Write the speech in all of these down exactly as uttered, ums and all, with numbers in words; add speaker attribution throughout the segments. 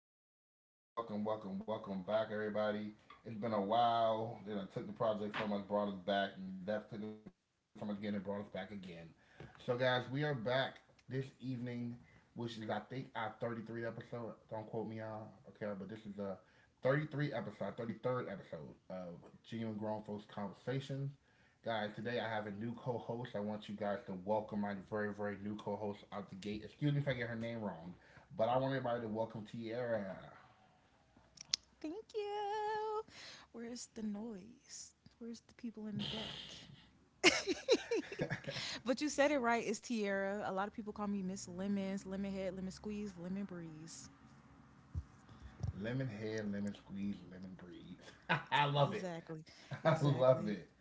Speaker 1: everybody. Welcome, welcome, welcome back, everybody. It's been a while. Then I took the project from us, brought us back, and that took it from us again and brought us back again. So, guys, we are back this evening, which is I think our thirty-third episode. Don't quote me, y'all. Okay, but this is a thirty-three episode, thirty-third episode of Genuine Grown Folks Conversations. Guys, today I have a new co-host. I want you guys to welcome my very, very new co-host out the gate. Excuse me if I get her name wrong. But I want everybody to welcome Tierra.
Speaker 2: Thank you. Where's the noise? Where's the people in the back? but you said it right. It's Tierra. A lot of people call me Miss Lemons, Lemon Head, Lemon Squeeze, Lemon Breeze.
Speaker 1: Lemon head, lemon squeeze, lemon breeze. I love it.
Speaker 2: Exactly.
Speaker 1: I love it.
Speaker 2: Exactly.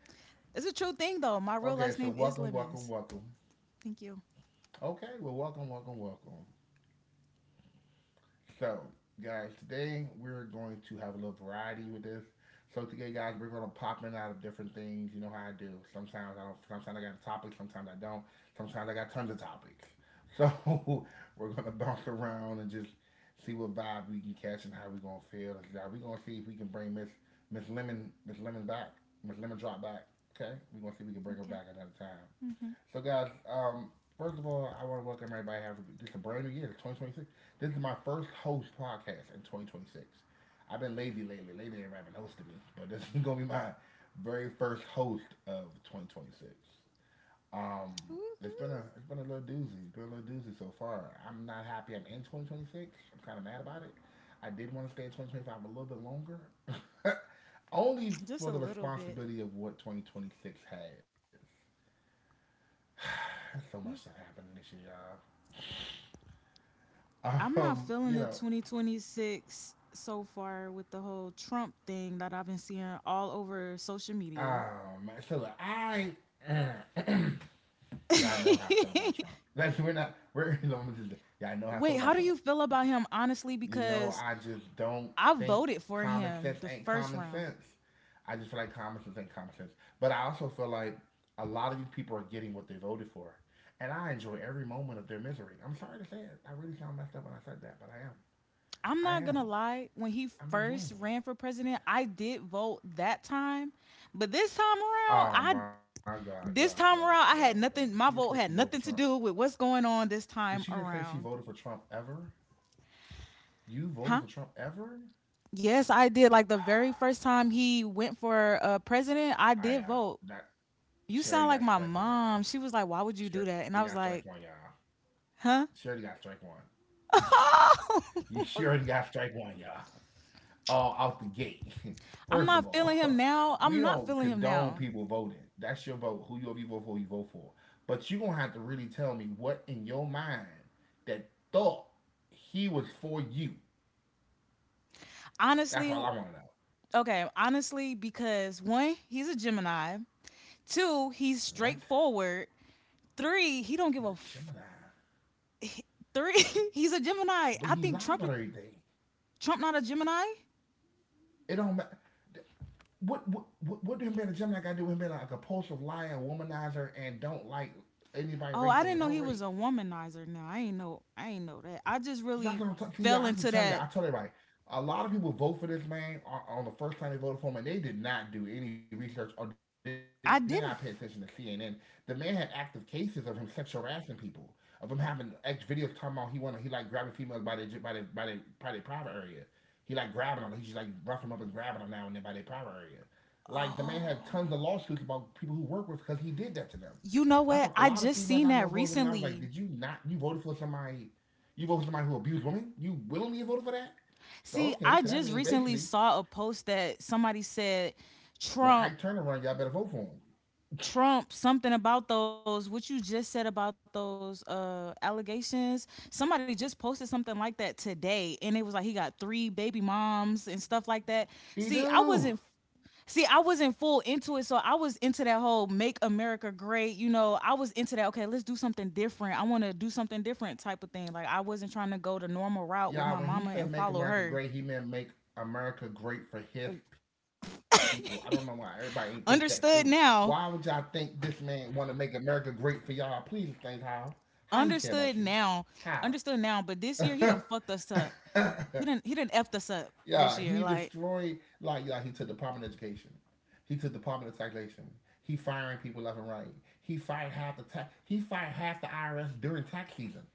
Speaker 2: It's a true thing, though. My
Speaker 1: Okay,
Speaker 2: real
Speaker 1: so
Speaker 2: last name
Speaker 1: welcome,
Speaker 2: is
Speaker 1: welcome,
Speaker 2: Lemons.
Speaker 1: welcome.
Speaker 2: Thank you.
Speaker 1: Okay, well, welcome, welcome, welcome. So, guys, today we're going to have a little variety with this. So today, guys, we're gonna pop in out of different things. You know how I do. Sometimes I don't. Sometimes I got a topic. Sometimes I don't. Sometimes I got tons of topics. So we're gonna bounce around and just see what vibe we can catch and how we gonna feel. We're gonna see if we can bring Miss Miss Lemon Miss Lemon back. Miss Lemon drop back. Okay,
Speaker 2: Okay.
Speaker 1: we're gonna see if we can bring her back
Speaker 2: Mm-hmm.
Speaker 1: another time. So, guys, um, first of all, I want to welcome everybody. Have just a brand new year, twenty twenty-six. This is my first host podcast in twenty twenty-six. I've been lazy lately. Lately, everybody been hosting me, but this is gonna be my very first host of twenty twenty-six. Um,
Speaker 2: Woohoo.
Speaker 1: it's been a it's been a little doozy. It's been a little doozy so far. I'm not happy. I'm in two thousand twenty-six. I'm kind of mad about it. I did want to stay in twenty twenty-five a little bit longer, only
Speaker 2: Just a
Speaker 1: for the
Speaker 2: little bit.
Speaker 1: responsibility of what twenty twenty-six has. So much
Speaker 2: You-
Speaker 1: stuff happening this year, y'all.
Speaker 2: I'm not
Speaker 1: Um,
Speaker 2: feeling the
Speaker 1: you know,
Speaker 2: twenty twenty-six so far with the whole Trump thing that I've been seeing all over social media.
Speaker 1: um, so look, I, y'all know how I feel about Trump. Like we're not, we're let me y'all know how I feel
Speaker 2: Wait, how
Speaker 1: about
Speaker 2: do
Speaker 1: Trump.
Speaker 2: you feel about him honestly?
Speaker 1: You know,
Speaker 2: Because
Speaker 1: I just don't
Speaker 2: I
Speaker 1: think
Speaker 2: voted for
Speaker 1: common sense
Speaker 2: him the
Speaker 1: ain't
Speaker 2: first
Speaker 1: common
Speaker 2: round.
Speaker 1: sense. I just feel like common sense ain't common sense. But I also feel like a lot of these people are getting what they voted for. And I enjoy every moment of their misery. I'm sorry to say it. I really sound messed up when I said that, but I
Speaker 2: I'm
Speaker 1: am. I
Speaker 2: not
Speaker 1: am.
Speaker 2: gonna lie, when he
Speaker 1: I'm enjoying
Speaker 2: first ran
Speaker 1: it.
Speaker 2: for president, I did vote that time. But this time
Speaker 1: Oh
Speaker 2: around,
Speaker 1: my
Speaker 2: I
Speaker 1: God, yeah, yeah,
Speaker 2: this
Speaker 1: yeah,
Speaker 2: time
Speaker 1: yeah.
Speaker 2: around I
Speaker 1: Did she
Speaker 2: had
Speaker 1: just say she
Speaker 2: nothing, my
Speaker 1: voted for
Speaker 2: vote
Speaker 1: Trump?
Speaker 2: had nothing to do with what's going on
Speaker 1: Did
Speaker 2: this
Speaker 1: she just
Speaker 2: time
Speaker 1: say she voted for
Speaker 2: around.
Speaker 1: Trump ever? You voted for
Speaker 2: Huh?
Speaker 1: Trump ever?
Speaker 2: Yes, I did. Like the very first time he went for uh, president, I
Speaker 1: I
Speaker 2: did
Speaker 1: uh,
Speaker 2: vote.
Speaker 1: that
Speaker 2: You
Speaker 1: she already
Speaker 2: sound
Speaker 1: got
Speaker 2: like my
Speaker 1: strike one.
Speaker 2: mom. She was like, "Why
Speaker 1: She
Speaker 2: would
Speaker 1: already
Speaker 2: you
Speaker 1: got
Speaker 2: do that?"
Speaker 1: strike
Speaker 2: And I
Speaker 1: one,
Speaker 2: was
Speaker 1: y'all.
Speaker 2: like,
Speaker 1: She already got
Speaker 2: Huh?
Speaker 1: strike one. you she already got strike one, y'all. All out the gate. First of
Speaker 2: I'm not
Speaker 1: all,
Speaker 2: feeling him
Speaker 1: we
Speaker 2: now. I'm
Speaker 1: don't
Speaker 2: not feeling
Speaker 1: condone
Speaker 2: him
Speaker 1: people
Speaker 2: now.
Speaker 1: voting. That's your vote. Who you if you vote for, you vote for. But you gonna have to really tell me what in your mind that thought he was for you. That's all
Speaker 2: Honestly,
Speaker 1: I want to know.
Speaker 2: okay, honestly, because one, he's a Gemini. Two, he's
Speaker 1: What
Speaker 2: straightforward. Three, he don't
Speaker 1: is
Speaker 2: give
Speaker 1: it
Speaker 2: a f-
Speaker 1: Gemini?
Speaker 2: three. he's a Gemini.
Speaker 1: But
Speaker 2: I
Speaker 1: he
Speaker 2: think
Speaker 1: lied
Speaker 2: Trump
Speaker 1: about everything.
Speaker 2: Trump not a Gemini.
Speaker 1: It don't matter. What what what, what do him being a Gemini got to do with him being like a compulsive liar, womanizer, and don't like anybody
Speaker 2: Oh,
Speaker 1: raised
Speaker 2: I
Speaker 1: by
Speaker 2: didn't
Speaker 1: his
Speaker 2: know
Speaker 1: own
Speaker 2: he
Speaker 1: race?
Speaker 2: was a womanizer. Now I ain't know. I ain't know that. I just
Speaker 1: That's
Speaker 2: really
Speaker 1: what I'm talking to you. I
Speaker 2: fell
Speaker 1: can
Speaker 2: into
Speaker 1: tell you. I
Speaker 2: that.
Speaker 1: told everybody. A lot of people vote for this man on, on the first time they voted for him, and they did not do any research or did not pay attention to
Speaker 2: I
Speaker 1: C N N.
Speaker 2: didn't.
Speaker 1: The man had active cases of him sexual harassing people, of him having ex videos talking about he wanted he like grabbing females by their by their by their, by their private area. He like grabbing them. He's just like roughing them up and grabbing them now and then by their private area. Like the man had tons of lawsuits
Speaker 2: Oh,
Speaker 1: about people who work with because he did that to them. That's why
Speaker 2: you
Speaker 1: a
Speaker 2: know
Speaker 1: lot of
Speaker 2: what? I
Speaker 1: females I know
Speaker 2: just
Speaker 1: voted for him,
Speaker 2: seen
Speaker 1: and I was
Speaker 2: that
Speaker 1: like, "Did you
Speaker 2: recently.
Speaker 1: not? You voted for somebody you voted for somebody who abused women? You willingly voted for that? So, okay,
Speaker 2: See,
Speaker 1: so that
Speaker 2: I
Speaker 1: means
Speaker 2: just
Speaker 1: basically,
Speaker 2: recently saw a post that somebody said
Speaker 1: when Ike
Speaker 2: Trump
Speaker 1: Turner run, y'all better vote for him.
Speaker 2: Trump something about those, what you just said about those uh allegations. Somebody just posted something like that today and it was like he got three baby moms and stuff like that.
Speaker 1: He
Speaker 2: See, I
Speaker 1: do.
Speaker 2: wasn't See, I wasn't full into it, so I was into that whole "Make America Great." You know, I was into that. Okay, let's do something different. I want to do something different type of thing. Like I wasn't trying to go the normal route with
Speaker 1: Y'all,
Speaker 2: my
Speaker 1: when he
Speaker 2: mama and
Speaker 1: said make
Speaker 2: follow
Speaker 1: America
Speaker 2: her.
Speaker 1: great, he meant make America great for his people. I don't know why everybody ain't think that through. Why would
Speaker 2: Understood
Speaker 1: y'all
Speaker 2: now,
Speaker 1: think this man want to make America great for y'all? Please think how. How he care about you?
Speaker 2: Understood
Speaker 1: How?
Speaker 2: now, understood now. But this year he done fucked us up. He done he done effed us up
Speaker 1: Yeah, he
Speaker 2: this year. Like,
Speaker 1: destroyed like yeah, he took Department of Education. He took Department of Taxation. He firing people left and right. He fired half the tax. He fired half the I R S during tax season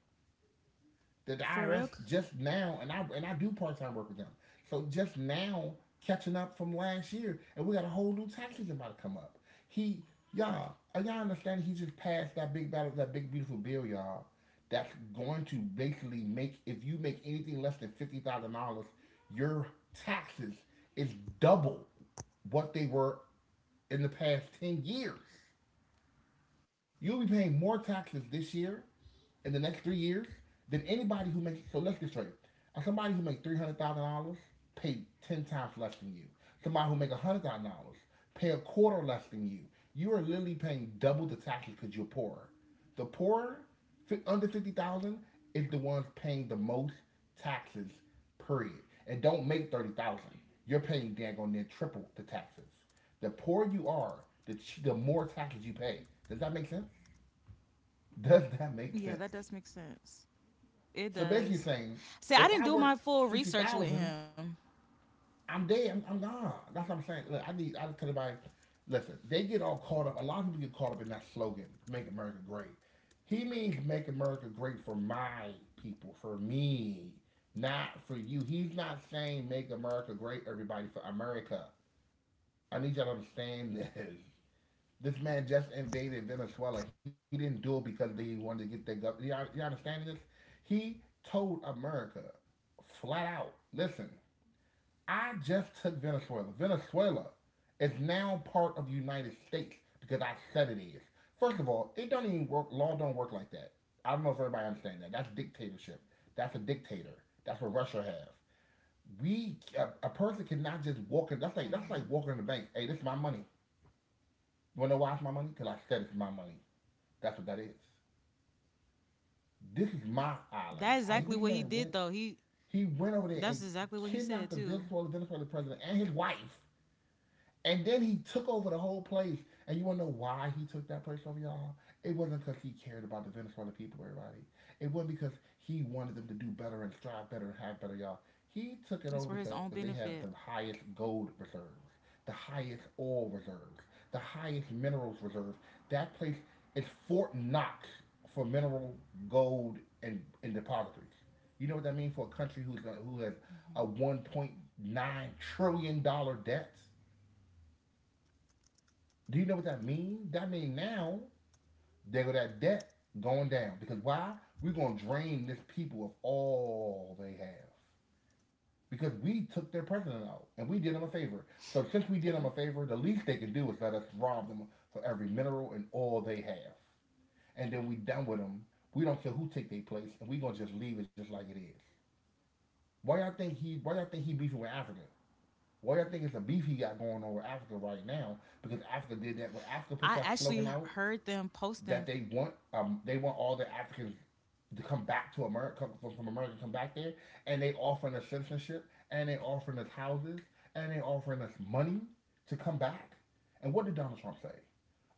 Speaker 1: that the
Speaker 2: for
Speaker 1: I R S
Speaker 2: real. c-
Speaker 1: just now, and I and I do part time work with them. So just now catching up from last year, and we got a whole new tax season about to come up. He, y'all, uh, y'all understand? He just passed that big battle, that big beautiful bill, y'all. That's going to basically make if you make anything less than fifty thousand dollars, your taxes is double what they were in the past ten years. You'll be paying more taxes this year in the next three years than anybody who makes. So let's get straight. Uh, Somebody who makes three hundred thousand dollars pay ten times less than you. Somebody who makes one hundred thousand dollars pay a quarter less than you. You are literally paying double the taxes because you're poorer. The poorer, under fifty thousand, dollars, is the ones paying the most taxes. Period. And don't make thirty thousand. Dollars. You're paying dang on near triple the taxes. The poorer you are, the ch- the more taxes you pay. Does that make sense? Does
Speaker 2: Yeah,
Speaker 1: that
Speaker 2: that does
Speaker 1: make
Speaker 2: make
Speaker 1: sense?
Speaker 2: sense. It does.
Speaker 1: So basically
Speaker 2: See, I
Speaker 1: saying,
Speaker 2: didn't do my
Speaker 1: if I
Speaker 2: full
Speaker 1: work
Speaker 2: research with
Speaker 1: sixty
Speaker 2: him.
Speaker 1: thousand, I'm dead. I'm, I'm gone. That's what I'm saying. Look, I need. I just tell everybody, listen. They get all caught up. A lot of people get caught up in that slogan, "Make America Great." He means make America great for my people, for me, not for you. He's not saying make America great, everybody, for America. I need y'all to understand this. This man just invaded Venezuela. He didn't do it because they wanted to get their government. You, you understanding this? He told America flat out, listen, I just took Venezuela. Venezuela is now part of the United States because I said it is. First of all, it don't even work. Law don't work like that. I don't know if everybody understands that. That's dictatorship. That's a dictator. That's what Russia have. We a, a person cannot just walk
Speaker 2: Hmm.
Speaker 1: in. That's like that's like walking in the bank. Hey, this is my money. You wanna know why it's my money? Cause I said it's my money. That's what that is. This is
Speaker 2: That's
Speaker 1: my
Speaker 2: exactly what
Speaker 1: island.
Speaker 2: he did
Speaker 1: I,
Speaker 2: though.
Speaker 1: this
Speaker 2: He
Speaker 1: man went. He
Speaker 2: that's
Speaker 1: went over
Speaker 2: exactly what
Speaker 1: there
Speaker 2: he
Speaker 1: and
Speaker 2: said too.
Speaker 1: kidnapped the Venezuela, Venezuelan president and his wife and then he took over the whole place. And you want to know why he took that place over, y'all? It wasn't because he cared about the Venezuelan people, everybody. It wasn't because he wanted them to do better and strive better and have better, y'all.
Speaker 2: It's
Speaker 1: He
Speaker 2: for his
Speaker 1: took it
Speaker 2: own
Speaker 1: over because they
Speaker 2: benefit.
Speaker 1: have the highest gold reserves, the highest oil reserves, the highest minerals reserves. That place is Fort Knox for mineral, gold, and, and depositories. You know what that means for a country who's, who has
Speaker 2: Hmm.
Speaker 1: a one point nine trillion dollar debt? Do you know what that means? That means now they go that debt going down because why? We're gonna drain this people of all they have because we took their president out and we did them a
Speaker 2: Yeah.
Speaker 1: favor. So since we did them a favor, the least they can do is let us rob them for every mineral and all they have, and then we done with them. We don't care who take their place, and we gonna just leave it just like it is. Why y'all think he? Why y'all think he beefing with Africa? Why y'all think it's a beef he got going on with Africa right now? Because Africa did that. When
Speaker 2: I
Speaker 1: Africa put
Speaker 2: actually
Speaker 1: that slogan
Speaker 2: heard
Speaker 1: out,
Speaker 2: them posting.
Speaker 1: that they want um they want all the Africans to come back to America come from America come back there, and they offering us citizenship, and they offering us houses, and they offering us money to come back. And what did Donald Trump say?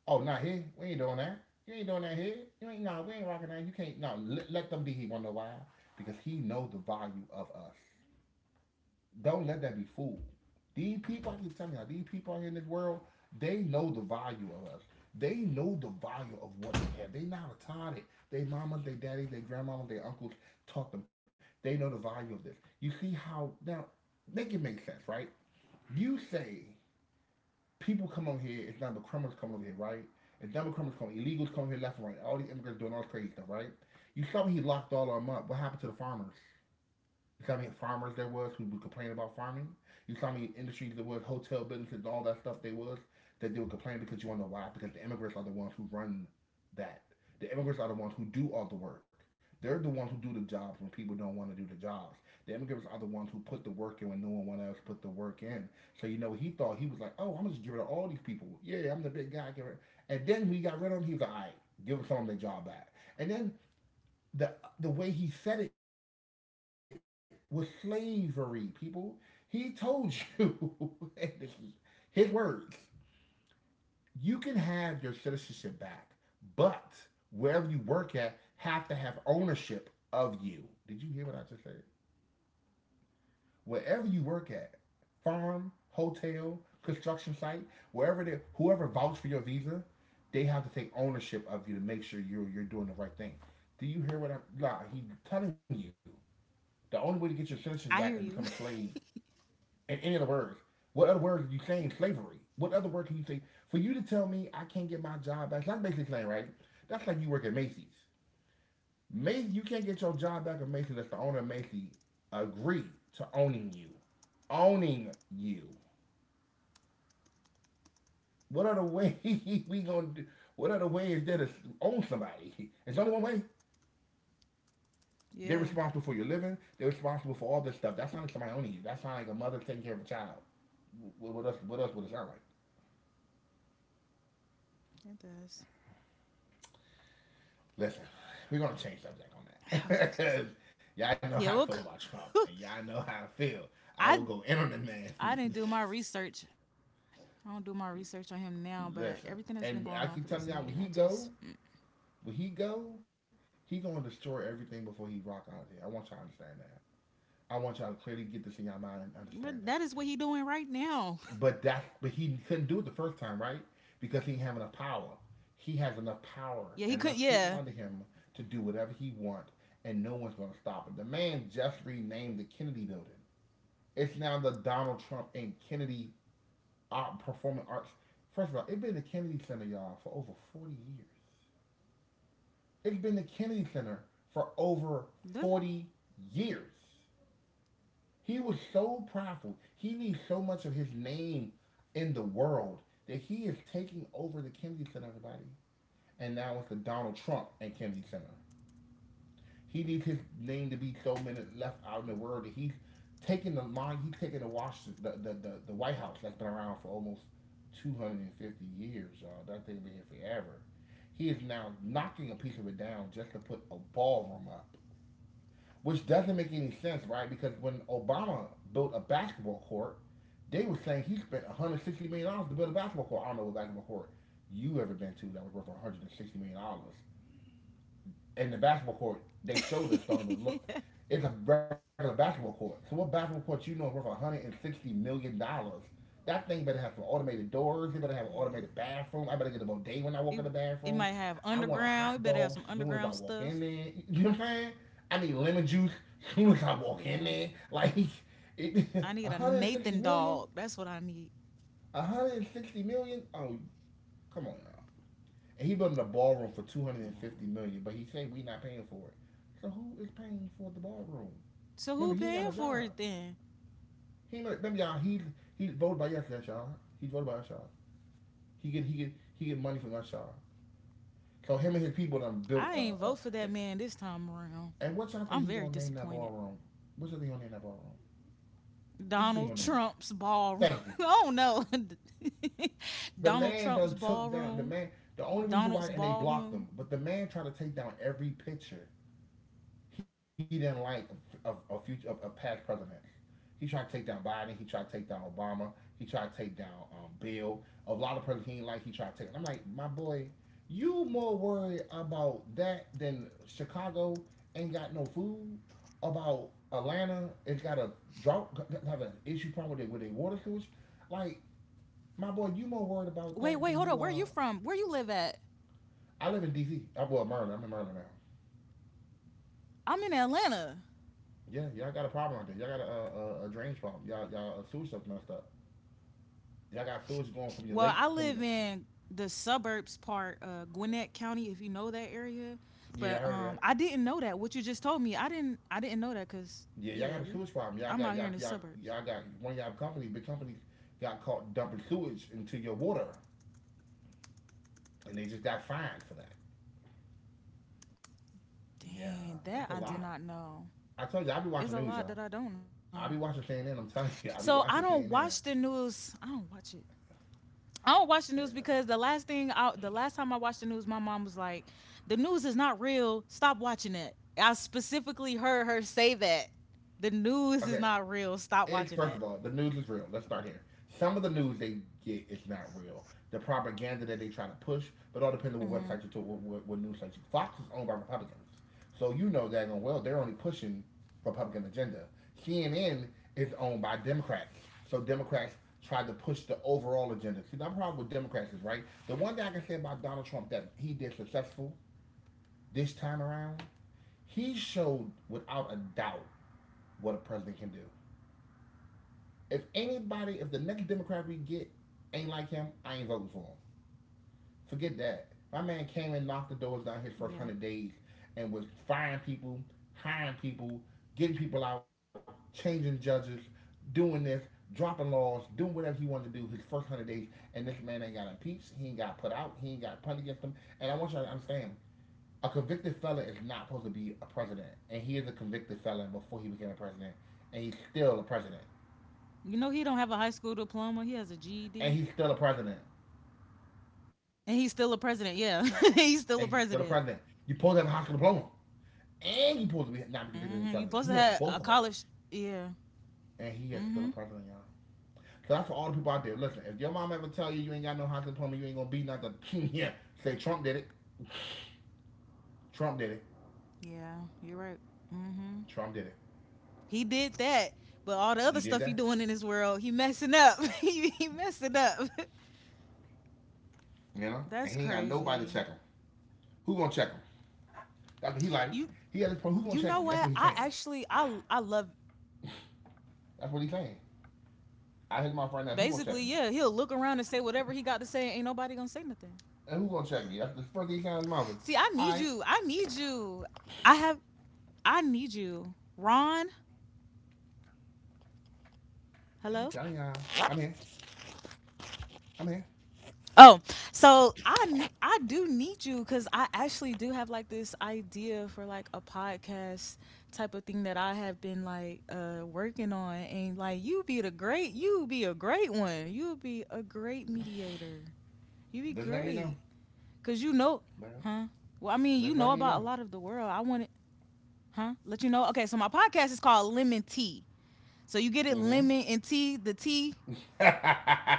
Speaker 1: Oh, not here. We ain't doing that. You ain't doing that here. You ain't no. We ain't rocking that. You can't. No, nah, let, let them be. He wonder why because he know the value of us. Don't let that be fooled. These people, I keep telling you, these people out here in this world, they know the value of us. They know the value of what they have. They not retarded. They mamas, they daddies, they grandmamas, they uncles taught them. They know the value of this. You see how now make it make sense, right? You say people come over here, it's not the criminals come over here, right? It's double criminals coming, illegals coming here left and right. All these immigrants doing all this crazy stuff, right? You saw me he locked all of them up. What happened to the farmers? You saw how many farmers there was who would complain about farming. You saw how many industries there was, hotel businesses, all that stuff they was that they would complain because you want to know why? Because the immigrants are the ones who run that. The immigrants are the ones who do all the work. They're the ones who do the jobs when people don't want to do the jobs. The immigrants are the ones who put the work in when no one else put the work in. So you know he thought he was like, oh, I'm gonna just get rid of all these people. Yeah, I'm the big guy. Give it. And then when he got rid of him, he was like, all right, give them some of their job back. And then the the way he said it was slavery. People, he told you, and this is his words. You can have your citizenship back, but wherever you work at, have to have ownership of you. Did you hear what I just said? Wherever you work at, farm, hotel, construction site, wherever they, whoever vouches for your visa, they have to take ownership of you to make sure you're you're doing the right thing. Do you hear what I'm? Nah, he's telling you. The only way to get your
Speaker 2: I hear
Speaker 1: citizenship
Speaker 2: you.
Speaker 1: back and become a slave, in any other words, what other words are you saying? Slavery. What other word can you say? For you to tell me I can't get my job back, that's basically saying, right? That's like you work at Macy's. Macy's, you can't get your job back at Macy's unless the owner of Macy's agree to owning you. Owning you. What other way we gonna do? What other way is there to own somebody? It's only one way.
Speaker 2: yeah,
Speaker 1: They're responsible for your living. They're responsible for all this stuff. That sounds like somebody owning you. That sounds like a mother taking care of a child. What, what else? What else would it sound like?
Speaker 2: it does.
Speaker 1: Listen, we're gonna change subject on
Speaker 2: Oh,
Speaker 1: that
Speaker 2: jeez.
Speaker 1: because y'all know
Speaker 2: Yeah,
Speaker 1: how I
Speaker 2: well,
Speaker 1: feel about Trump, and y'all know how I feel. I
Speaker 2: I.
Speaker 1: will go in on the man.
Speaker 2: I didn't do my research. I don't do my research on him now, but everything that's been
Speaker 1: Listen,
Speaker 2: going on for this
Speaker 1: and
Speaker 2: new
Speaker 1: I
Speaker 2: year, I
Speaker 1: keep telling y'all,
Speaker 2: just
Speaker 1: when he go, when he go, he gonna destroy everything before he rock out of here. I want y'all to understand that. I want y'all to clearly
Speaker 2: but
Speaker 1: get this in
Speaker 2: that
Speaker 1: y'all
Speaker 2: is what he
Speaker 1: mind and
Speaker 2: doing right
Speaker 1: understand this.
Speaker 2: now.
Speaker 1: But that, but he couldn't do it the first time, right? Because he didn't have enough power. He
Speaker 2: Yeah,
Speaker 1: has
Speaker 2: he could.
Speaker 1: enough
Speaker 2: Yeah,
Speaker 1: power and enough people under him to do whatever he wants, and no one's gonna stop him. The man just renamed the Kennedy building. It's now the Donald Trump and Kennedy Art Performing Arts. First of all, it's been the Kennedy Center, y'all, for over forty years. It's been the Kennedy Center for
Speaker 2: doesn't.
Speaker 1: over forty years. He was so prideful. He needs so much of his name in the world that he is taking over the Kennedy Center, everybody. And now it's the Donald Trump and Kennedy Center. He needs his name to be so many
Speaker 2: Oh.
Speaker 1: left out in the world that he's taking the line. He's taking the Washington, the, the, the, the White House that's been around for almost two hundred fifty years, y'all. That thing's been here forever. He is now knocking a piece of it down just to put a ballroom up, which doesn't make any sense, right? Because when Obama built a basketball court, they were saying he spent one hundred sixty million dollars to build a basketball court. I don't know what basketball court you ever been to that was worth one hundred sixty million dollars in the basketball court, they showed us
Speaker 2: yeah,
Speaker 1: Donovan. Look, it's a regular basketball court. So what basketball court you know is worth one hundred sixty million dollars? That thing better have some automated doors. It better
Speaker 2: yeah,
Speaker 1: have an automated bathroom. I better get a
Speaker 2: It
Speaker 1: bidet when I walk in
Speaker 2: it
Speaker 1: the
Speaker 2: might have
Speaker 1: bathroom. I
Speaker 2: underground. It
Speaker 1: want a
Speaker 2: better have some
Speaker 1: hot dog
Speaker 2: underground
Speaker 1: as soon as
Speaker 2: stuff.
Speaker 1: I walk in there. You know what I'm saying? I need lemon juice as soon as I
Speaker 2: Yeah,
Speaker 1: walk in there. Like,
Speaker 2: I need
Speaker 1: it,
Speaker 2: a Nathan
Speaker 1: one hundred sixty
Speaker 2: dog. That's what
Speaker 1: million?
Speaker 2: I need.
Speaker 1: one hundred sixty million? Oh, come on, y'all. And he built a ballroom for
Speaker 2: Yeah.
Speaker 1: two hundred and fifty million, dollars, but he said we not paying for it. So who is paying for the ballroom?
Speaker 2: So who
Speaker 1: Remember, he
Speaker 2: paying
Speaker 1: ain't got no
Speaker 2: for it
Speaker 1: job.
Speaker 2: then?
Speaker 1: He remember y'all. He he voted by us, that y'all. He voted by us, y'all. He get he get he get money from us, y'all. So him and his people done built
Speaker 2: I
Speaker 1: a. Uh,
Speaker 2: ain't
Speaker 1: uh,
Speaker 2: vote for
Speaker 1: Yeah.
Speaker 2: that man this time around.
Speaker 1: And what y'all think
Speaker 2: I'm
Speaker 1: he
Speaker 2: very
Speaker 1: gonna name that
Speaker 2: disappointed.
Speaker 1: ballroom? What y'all think he gonna name that ballroom? What you think he
Speaker 2: Donald
Speaker 1: gonna name it?
Speaker 2: Trump's ballroom.
Speaker 1: Thank you.
Speaker 2: I don't know.
Speaker 1: The
Speaker 2: Donald
Speaker 1: man
Speaker 2: Trump's
Speaker 1: done took down the
Speaker 2: ballroom.
Speaker 1: man. The only reason why
Speaker 2: Donald's
Speaker 1: and they blocked
Speaker 2: ballroom.
Speaker 1: them, but the man tried to take down every picture. He didn't like a, a, a future a, a past president. He tried to take down Biden. He tried to take down Obama. He tried to take down um, Bill. A lot of presidents he didn't like. He tried to take. And I'm like, my boy, you more worried about that than Chicago ain't got no food. About Atlanta, it's got a drought, have an issue probably with a water shortage. Like, my boy, you more worried
Speaker 2: Wait, wait,
Speaker 1: about
Speaker 2: hold
Speaker 1: that
Speaker 2: on. Where
Speaker 1: than
Speaker 2: are you
Speaker 1: you are.
Speaker 2: from? Where you live at?
Speaker 1: I live in D C. I, well, Maryland. I'm in Maryland now.
Speaker 2: I'm in Atlanta.
Speaker 1: Yeah, y'all got a problem out there. Y'all got a, a, a drainage problem. Y'all y'all uh, sewage stuff messed up. Y'all got sewage going from
Speaker 2: Well,
Speaker 1: your
Speaker 2: I
Speaker 1: lake
Speaker 2: live
Speaker 1: from the.
Speaker 2: in the suburbs part, uh, Gwinnett County, if you know that area.
Speaker 1: Yeah, I heard
Speaker 2: But
Speaker 1: of that.
Speaker 2: um, I didn't know that. What you just told me, I didn't. I didn't know that because
Speaker 1: Yeah, y'all got a
Speaker 2: yeah,
Speaker 1: sewage
Speaker 2: we.
Speaker 1: problem. Y'all got y'all
Speaker 2: I'm out here
Speaker 1: y'all
Speaker 2: in the
Speaker 1: y'all
Speaker 2: suburbs.
Speaker 1: got one of y'all company big companies got caught dumping sewage into your water, and they just got fined for that. Yeah, that's a
Speaker 2: Dang,
Speaker 1: lot.
Speaker 2: that I did not
Speaker 1: I
Speaker 2: know.
Speaker 1: told you I be watching news, y'all.
Speaker 2: It's a lot that I don't
Speaker 1: I be
Speaker 2: know.
Speaker 1: watching C N N. I'm telling you, I be
Speaker 2: So I
Speaker 1: watching
Speaker 2: don't
Speaker 1: C N N.
Speaker 2: watch the news. I don't watch it. I don't watch the
Speaker 1: And
Speaker 2: news
Speaker 1: uh,
Speaker 2: because the last thing I, the last time I watched the news, my mom was like, "The news is not real. Stop watching it." I specifically heard her say that. The news
Speaker 1: okay.
Speaker 2: is not real. Stop
Speaker 1: It's, first
Speaker 2: watching
Speaker 1: of all,
Speaker 2: it.
Speaker 1: the news is real. Let's start here. Some of the news they get is not real. The propaganda that they try to push, but all depends on
Speaker 2: Hmm.
Speaker 1: what website you to, what, what, what news site you. Fox is owned by Republicans, so you know that going well they're only pushing Republican agenda. C N N is owned by Democrats, so Democrats try to push the overall agenda. See, my problem with Democrats is right. The one thing I can say about Donald Trump that he did successful this time around, he showed without a doubt what a president can do. If anybody, if the next Democrat we get ain't like him, I ain't voting for him. Forget that. My man came and knocked the doors down his
Speaker 2: Yeah.
Speaker 1: first hundred days and was firing people, hiring people, getting people out, changing judges, doing this, dropping laws, doing whatever he wanted to do his first hundred days. And this man ain't got impeached. He ain't got put out. He ain't got punned against him. And I want y'all to understand, a convicted fella is not supposed to be a president. And he is a convicted fella before he became a president. And he's still a president.
Speaker 2: You know he don't have a high school diploma. He has a
Speaker 1: And
Speaker 2: G E D,
Speaker 1: he's still a president.
Speaker 2: and he's still a president. Yeah,
Speaker 1: And you
Speaker 2: he's
Speaker 1: tell the
Speaker 2: still a
Speaker 1: president,
Speaker 2: president.
Speaker 1: you pulled to have a high school diploma, and you pulled to be not be convicted of any
Speaker 2: Hmm. You
Speaker 1: felonies. He
Speaker 2: supposed to
Speaker 1: has
Speaker 2: have
Speaker 1: both of
Speaker 2: a
Speaker 1: those,
Speaker 2: college. Yeah.
Speaker 1: and he is still a
Speaker 2: Hmm.
Speaker 1: president, y'all. So that's for all the people out there. Listen, if your mom ever tell you you ain't got no high school diploma, you ain't gonna be nothing. Yeah, say Trump did it. Trump did it.
Speaker 2: Yeah. You're right. Hmm.
Speaker 1: Trump did it.
Speaker 2: He did that, but all the other
Speaker 1: He
Speaker 2: stuff
Speaker 1: did
Speaker 2: he
Speaker 1: that.
Speaker 2: doing in this world, he messing up. he, he messing up.
Speaker 1: You know, and
Speaker 2: That's
Speaker 1: he ain't got nobody to
Speaker 2: crazy.
Speaker 1: check him. Who gonna check him? That's what he
Speaker 2: You
Speaker 1: like. He had his
Speaker 2: you
Speaker 1: point. Who
Speaker 2: know
Speaker 1: gonna
Speaker 2: what?
Speaker 1: check me? That's
Speaker 2: I
Speaker 1: what he's saying.
Speaker 2: actually I I love
Speaker 1: That's what he's saying. I hit my
Speaker 2: basically
Speaker 1: friend now.
Speaker 2: yeah.
Speaker 1: Who gonna
Speaker 2: He'll
Speaker 1: check
Speaker 2: look
Speaker 1: me?
Speaker 2: around and say whatever he got to say. Ain't nobody gonna say nothing.
Speaker 1: And who gonna check me? That's the first thing he said out his mouth. Is,
Speaker 2: See, I need
Speaker 1: all
Speaker 2: you.
Speaker 1: right,
Speaker 2: I need you. I have. I need you, Ron.
Speaker 1: let me tell
Speaker 2: Hello.
Speaker 1: y'all. I'm here. I'm here.
Speaker 2: Oh, so I need I do need you because I actually do have like this idea for like a podcast type of thing that I have been like uh working on and like you be the great you be a great one you be a great mediator You be
Speaker 1: Just let me know.
Speaker 2: great. Cause you know,
Speaker 1: Let-
Speaker 2: huh? Well, I mean, you
Speaker 1: just
Speaker 2: know
Speaker 1: let me
Speaker 2: about a
Speaker 1: know.
Speaker 2: lot of the world. I want it, huh? Let you know. Okay, so my podcast is called Lemon Tea. So you get it,
Speaker 1: Hmm.
Speaker 2: lemon and tea, the tea,
Speaker 1: I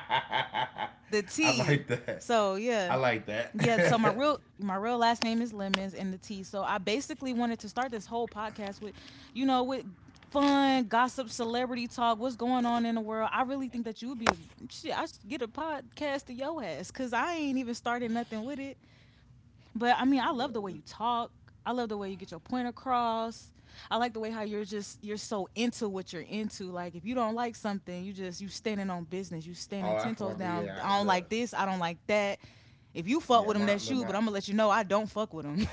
Speaker 2: the tea.
Speaker 1: like that.
Speaker 2: So
Speaker 1: I
Speaker 2: yeah,
Speaker 1: like
Speaker 2: yeah. So
Speaker 1: that.
Speaker 2: my real, my real last name is Lemons and the tea. So I basically wanted to start this whole podcast with, you know, with fun gossip, celebrity talk, what's going on in the world. I really think that you would be a shit. I should get a podcast to your ass, cause I ain't even started nothing with it. But I mean, I love the way you talk. I love the way you get your point across. I like the way how you're just you're so into what you're into. Like if you don't like something, you just you standing on business. You standing
Speaker 1: Oh,
Speaker 2: ten
Speaker 1: that's
Speaker 2: toes
Speaker 1: one thing.
Speaker 2: down.
Speaker 1: Yeah, I-
Speaker 2: I don't like
Speaker 1: look,
Speaker 2: this. I don't like that. If you
Speaker 1: yeah,
Speaker 2: fuck with him,
Speaker 1: my
Speaker 2: that's
Speaker 1: look, my
Speaker 2: you. But I'm gonna let you know I don't fuck with him.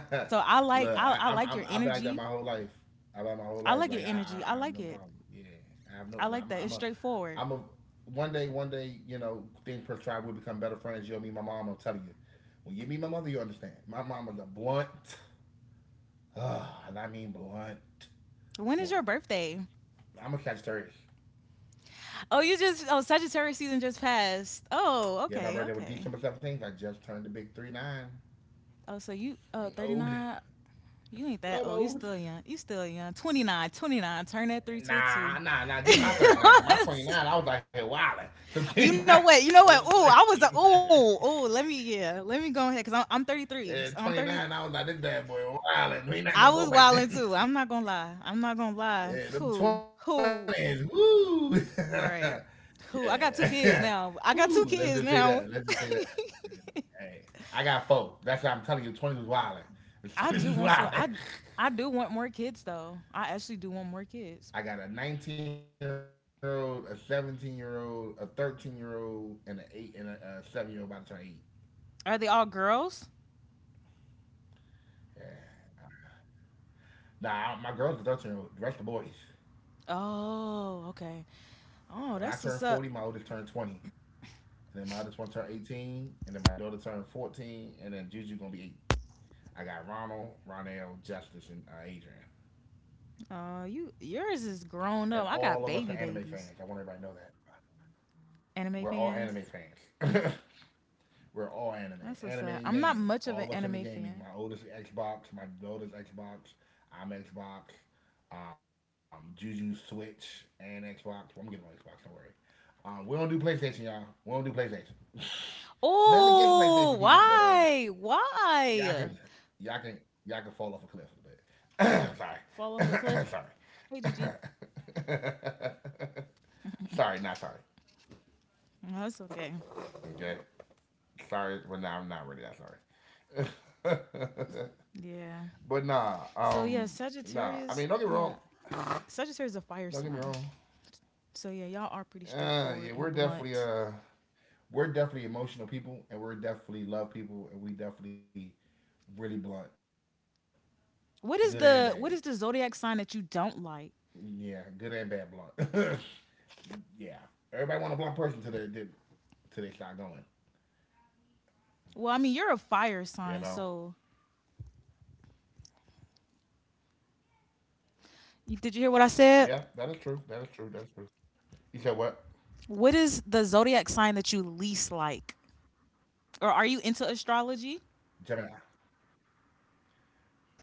Speaker 2: so I like
Speaker 1: look.
Speaker 2: I, I
Speaker 1: I, I'm,
Speaker 2: like your
Speaker 1: I'm, I've been like that
Speaker 2: energy.
Speaker 1: my whole life. I've been like my whole
Speaker 2: I
Speaker 1: life.
Speaker 2: like your
Speaker 1: Like I, I,
Speaker 2: energy. I
Speaker 1: I have
Speaker 2: like
Speaker 1: no
Speaker 2: it.
Speaker 1: problem. Yeah, I have no.
Speaker 2: I
Speaker 1: like,
Speaker 2: like
Speaker 1: I'm,
Speaker 2: that. It's
Speaker 1: I'm a,
Speaker 2: straightforward.
Speaker 1: I'm a. One day, one day, you know, things per tribe will become better friends. You'll meet my mom. I'm telling you, when you meet my mother, you understand. My mom was a blunt, ugh, and I mean blunt
Speaker 2: When is your
Speaker 1: woman.
Speaker 2: birthday?
Speaker 1: I'm a Sagittarius.
Speaker 2: Oh, you just oh Sagittarius season just passed. Oh,
Speaker 1: Yeah, my
Speaker 2: okay,
Speaker 1: birthday was
Speaker 2: okay.
Speaker 1: December seventeenth. I just turned the big three nine. I'm
Speaker 2: Oh, so you oh
Speaker 1: old.
Speaker 2: thirty-nine. You ain't
Speaker 1: I'm
Speaker 2: that old. You
Speaker 1: old.
Speaker 2: still young. You still young. Twenty nine, twenty nine. Turn that three to a two.
Speaker 1: Nah, nah, nah. Get my thirty-nine. Cause my twenty-nine, I was out here wilding. So
Speaker 2: you
Speaker 1: get
Speaker 2: know
Speaker 1: my
Speaker 2: what? You know what? Ooh, I was a
Speaker 1: thirty-nine.
Speaker 2: ooh, ooh. Let me yeah. Let me go ahead because I'm I'm thirty-three. So I'm
Speaker 1: At
Speaker 2: thirty.
Speaker 1: twenty-nine, I was like, this bad boy wilding.
Speaker 2: I
Speaker 1: We
Speaker 2: was
Speaker 1: not gonna
Speaker 2: wilding
Speaker 1: go
Speaker 2: too.
Speaker 1: back
Speaker 2: I'm not
Speaker 1: then.
Speaker 2: gonna lie. I'm not gonna lie. Who?
Speaker 1: Yeah, them
Speaker 2: Who?
Speaker 1: twenties, woo.
Speaker 2: Right. Who? I got two kids
Speaker 1: Yeah.
Speaker 2: now. I got two
Speaker 1: Whew, let's
Speaker 2: kids
Speaker 1: just say
Speaker 2: now.
Speaker 1: that. Let's just say that. Yeah. Hey, I got four. That's what I'm telling you. twenties was wilding.
Speaker 2: I do want some. I
Speaker 1: twenties was
Speaker 2: I
Speaker 1: wilding.
Speaker 2: do want more kids though. I actually do want more kids.
Speaker 1: I got a nineteen year old, a seventeen year old, a thirteen year old, and an eight and a, a seven year old about to turn eight.
Speaker 2: Are they all girls?
Speaker 1: Yeah. Nah, I- my girl's a thirteen year old. The rest of the boys.
Speaker 2: Oh, okay.
Speaker 1: When I
Speaker 2: Oh,
Speaker 1: turned
Speaker 2: that's
Speaker 1: forty,
Speaker 2: what's
Speaker 1: my
Speaker 2: up.
Speaker 1: oldest turned twenty. And then my oldest one turned eighteen. And then my daughter turned fourteen. And then Juju going to be eight. I got Ronald, Ronell, Justice, and uh, Adrian.
Speaker 2: Oh, you yours is
Speaker 1: And
Speaker 2: grown
Speaker 1: all
Speaker 2: up.
Speaker 1: of
Speaker 2: I
Speaker 1: us are
Speaker 2: got
Speaker 1: anime
Speaker 2: baby
Speaker 1: fans. I want
Speaker 2: babies.
Speaker 1: everybody to know that
Speaker 2: Anime
Speaker 1: we're all
Speaker 2: fans.
Speaker 1: anime fans. We're all
Speaker 2: That's what's
Speaker 1: anime,
Speaker 2: up. I'm
Speaker 1: anime
Speaker 2: not
Speaker 1: and
Speaker 2: much of an
Speaker 1: gaming.
Speaker 2: anime
Speaker 1: All of us in the
Speaker 2: fan.
Speaker 1: gaming. My oldest Xbox, my daughter's Xbox. I'm Xbox. Um, Juju Switch and Xbox. Well, I'm getting on Xbox. Don't worry. Um, we don't do PlayStation, y'all. We don't do PlayStation. Nothing against PlayStation people,
Speaker 2: Oh,
Speaker 1: but uh,
Speaker 2: why?
Speaker 1: y'all can
Speaker 2: Why?
Speaker 1: y'all can y'all can fall off a cliff a little
Speaker 2: Fall off a cliff.
Speaker 1: bit. Sorry,
Speaker 2: Hey, Gigi.
Speaker 1: sorry, sorry, not sorry.
Speaker 2: No, that's okay.
Speaker 1: Okay. Sorry, but nah, I'm not really that sorry.
Speaker 2: Yeah.
Speaker 1: But nah,
Speaker 2: So yeah,
Speaker 1: um, nah. I
Speaker 2: Sagittarius.
Speaker 1: mean, don't get me
Speaker 2: Yeah,
Speaker 1: wrong.
Speaker 2: Sagittarius is a fire
Speaker 1: Don't get me
Speaker 2: sign.
Speaker 1: wrong.
Speaker 2: So yeah, y'all are pretty
Speaker 1: Uh,
Speaker 2: straightforward
Speaker 1: yeah,
Speaker 2: and
Speaker 1: we're definitely
Speaker 2: blunt.
Speaker 1: uh, we're definitely emotional people, and we're definitely love people, and we definitely really blunt,
Speaker 2: What is the
Speaker 1: good
Speaker 2: what is the
Speaker 1: and
Speaker 2: zodiac
Speaker 1: bad.
Speaker 2: sign that you don't like?
Speaker 1: Yeah, good and bad blunt. Yeah, everybody want a blunt person to they did till they start going.
Speaker 2: Well, I mean, you're a fire sign,
Speaker 1: You know.
Speaker 2: so you, did you hear what I said?
Speaker 1: Yeah, that is true. That is true. That is true. You said what?
Speaker 2: What is the zodiac sign that you least like? Or are you into astrology?
Speaker 1: Gemini.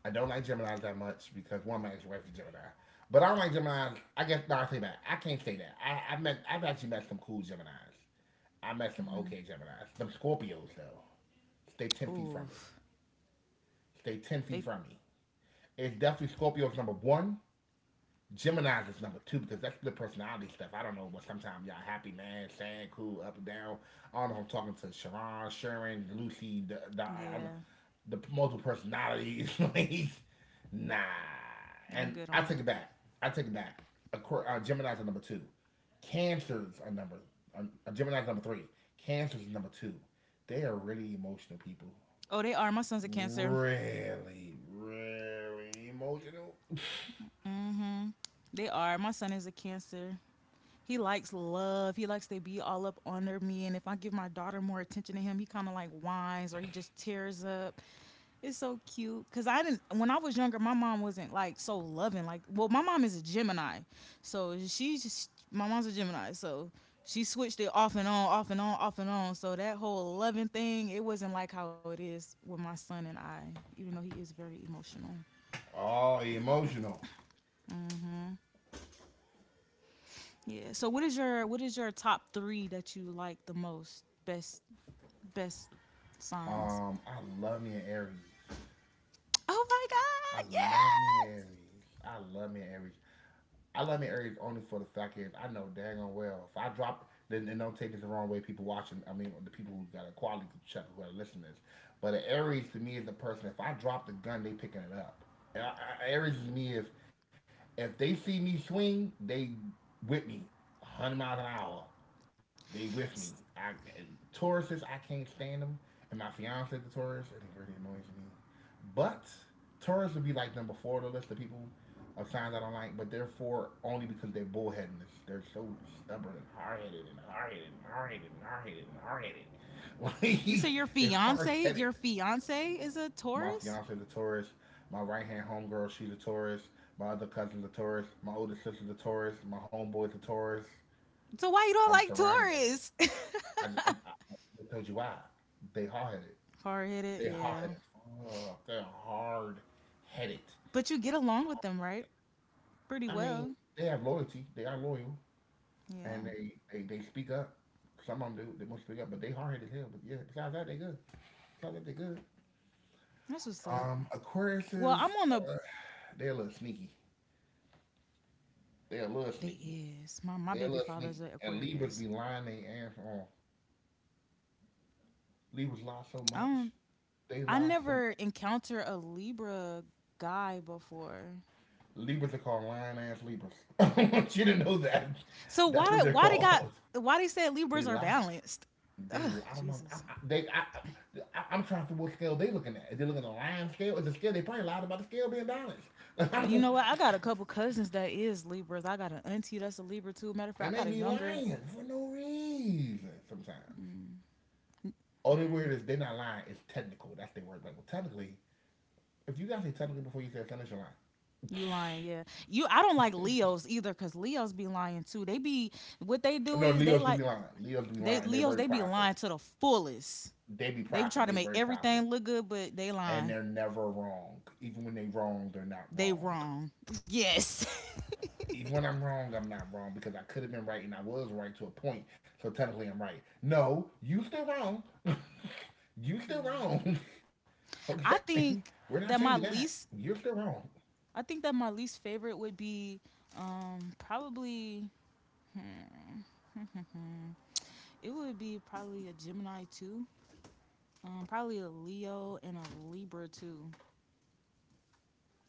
Speaker 1: I don't like Gemini that much because one, my ex-wife is Gemini. But I don't like Gemini. I guess no, I take that. I can't say that. I, I've met. I've actually met some cool Gemini's. I met some okay Gemini's. Some Scorpios though. Stay ten feet
Speaker 2: Ooh,
Speaker 1: from me. Stay ten
Speaker 2: they,
Speaker 1: feet from me. It's definitely Scorpios number one. Gemini's is number two because that's the personality stuff. I don't know, but sometimes y'all happy, man, sad, cool, up and down. I don't know. If I'm talking to Sharon, Sharon, Lucy. The, the, I'm,
Speaker 2: yeah,
Speaker 1: the multiple personalities. Nah. And
Speaker 2: I'm good
Speaker 1: I
Speaker 2: on
Speaker 1: take it
Speaker 2: that.
Speaker 1: back. I take it back. Acqu- uh, Gemini's are number two. Cancers are number. Uh, uh, Gemini's number three. Cancers are number two. They are really emotional people.
Speaker 2: Oh, they are. My son's a Cancer.
Speaker 1: Really, really emotional.
Speaker 2: Mm hmm They are. My son is a Cancer. He likes love. He likes to be all up under me. And if I give my daughter more attention to him, he kind of like whines or he just tears up. It's so cute because I didn't when I was younger. My mom wasn't like so loving. Like, well, my mom is a Gemini, so she's just my mom's a Gemini, so she switched it off and on, off and on, off and on. So that whole loving thing, it wasn't like how it is with my son and I, even though he is very emotional.
Speaker 1: Oh, emotional.
Speaker 2: Yeah. So what is your what is your top three that you like the most? Best best signs.
Speaker 1: Um, I love me an Aries.
Speaker 2: Oh my
Speaker 1: I
Speaker 2: God! Yes.
Speaker 1: love me an Aries. I love me an Aries. I love my areas only for the fact that I know dang on well if I drop then and don't take this the wrong way. People watching, I mean the people who got a quality check who are listeners, but an Aries to me is a person. If I drop the gun, they picking it up. And I, I, Aries to me if if they see me swing, they with me, a hundred miles an hour. They with me. I Tauruses, I can't stand them, and my fiance the Taurus, it really annoys me. But Taurus would be like number four on the list of people a sign that I don't like, but therefore only because they're bullheadedness. They're so stubborn and hard headed and hard headed and hard headed and hard headed and hard headed. Like,
Speaker 2: You say your
Speaker 1: they're hard
Speaker 2: fiance,
Speaker 1: headed.
Speaker 2: your fiance is a
Speaker 1: My
Speaker 2: Taurus.
Speaker 1: fiance's a Taurus. My right hand homegirl, she's a Taurus. My other cousin's a Taurus. My older sister's a Taurus. My homeboy's a Taurus.
Speaker 2: So why you don't
Speaker 1: I'm
Speaker 2: like
Speaker 1: surrounded by
Speaker 2: Taurus?
Speaker 1: them. I, I, I, I told you why. They hard headed.
Speaker 2: Hard headed,
Speaker 1: They hard
Speaker 2: yeah.
Speaker 1: headed. Fuck. They're hard headed.
Speaker 2: But you get along with them, right? Pretty
Speaker 1: I mean,
Speaker 2: well.
Speaker 1: they have loyalty. They are loyal. And
Speaker 2: Yeah.
Speaker 1: they, they they speak up. Some of them do. They won't speak up, but they hard headed as hell. But yeah, besides that, they good. Besides that, they good.
Speaker 2: That's what's up.
Speaker 1: Um,
Speaker 2: Well, I'm on the
Speaker 1: Aquariuses, uh, they're a little sneaky.
Speaker 2: they
Speaker 1: They're a little
Speaker 2: is. My
Speaker 1: sneaky.
Speaker 2: my baby father's an
Speaker 1: They're a little sneaky.
Speaker 2: Aquarius.
Speaker 1: And Libras be lying their ass off. Libras lie
Speaker 2: I
Speaker 1: so
Speaker 2: don't
Speaker 1: much.
Speaker 2: I
Speaker 1: They lie
Speaker 2: never
Speaker 1: so much.
Speaker 2: encounter a Libra guy before.
Speaker 1: Libras are called lying ass Libras. I want you to know that.
Speaker 2: So why
Speaker 1: That's what
Speaker 2: did
Speaker 1: they're
Speaker 2: why they got
Speaker 1: called.
Speaker 2: why they said
Speaker 1: They
Speaker 2: Libras are
Speaker 1: lie.
Speaker 2: balanced?
Speaker 1: They,
Speaker 2: Ugh,
Speaker 1: I don't know. I,
Speaker 2: Jesus.
Speaker 1: I, they, I, I, I'm trying to figure what scale they looking at. Is they looking at a lion scale? Is the scale they probably lied about the scale being balanced? Like, I don't,
Speaker 2: You know what? I got a couple cousins that is Libras. I got an auntie that's a Libra too. Matter of
Speaker 1: and
Speaker 2: fact,
Speaker 1: they
Speaker 2: I got a
Speaker 1: be
Speaker 2: younger
Speaker 1: lying for no reason sometimes. All they word is they're not lying. It's technical. That's their word. Like, well, technically, if you guys say technically before you say technically, you're
Speaker 2: You lying, yeah. You I don't like Leos either cuz Leos be lying too. They be what they
Speaker 1: lying.
Speaker 2: do
Speaker 1: No,
Speaker 2: is
Speaker 1: Leos
Speaker 2: they
Speaker 1: do be
Speaker 2: like
Speaker 1: lying. Leos do be lying.
Speaker 2: they
Speaker 1: And they're very
Speaker 2: Leos they be
Speaker 1: prideful.
Speaker 2: lying to the fullest.
Speaker 1: They be
Speaker 2: They be
Speaker 1: prideful.
Speaker 2: trying
Speaker 1: They're
Speaker 2: to make
Speaker 1: very prideful,
Speaker 2: everything look good but they
Speaker 1: and they're
Speaker 2: lying.
Speaker 1: never wrong. Even when they wrong, they're not
Speaker 2: They
Speaker 1: wrong.
Speaker 2: wrong. Yes.
Speaker 1: Even when I'm wrong, I'm not wrong because I could have been right and I was right to a point. So technically, I'm right. No, you still wrong. You still
Speaker 2: Yeah.
Speaker 1: wrong. Okay,
Speaker 2: I think
Speaker 1: we're not changing
Speaker 2: that
Speaker 1: that.
Speaker 2: my
Speaker 1: You're
Speaker 2: least
Speaker 1: still wrong.
Speaker 2: I think that my least favorite would be um probably mm, it would be probably a Gemini too. Um probably a Leo and a Libra too.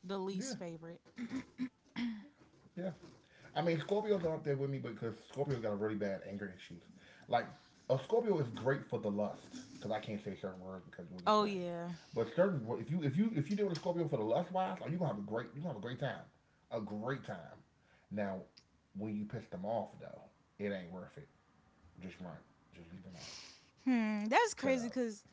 Speaker 2: The
Speaker 1: Yeah.
Speaker 2: least favorite.
Speaker 1: Yeah. I mean, Scorpios are up there with me because Scorpios got a really bad anger issues. Like, a Scorpio is great for the lust because I can't say certain words because you'll get
Speaker 2: Oh
Speaker 1: flagged.
Speaker 2: yeah.
Speaker 1: But certain, wo- if you if you if you deal with a Scorpio for the lust wise, are you gonna have a great you gonna have a great time, a great time. Now, when you piss them off though, it ain't worth it. Just run, just leave it alone,
Speaker 2: Hmm, that's
Speaker 1: cut it
Speaker 2: crazy
Speaker 1: out.
Speaker 2: cuz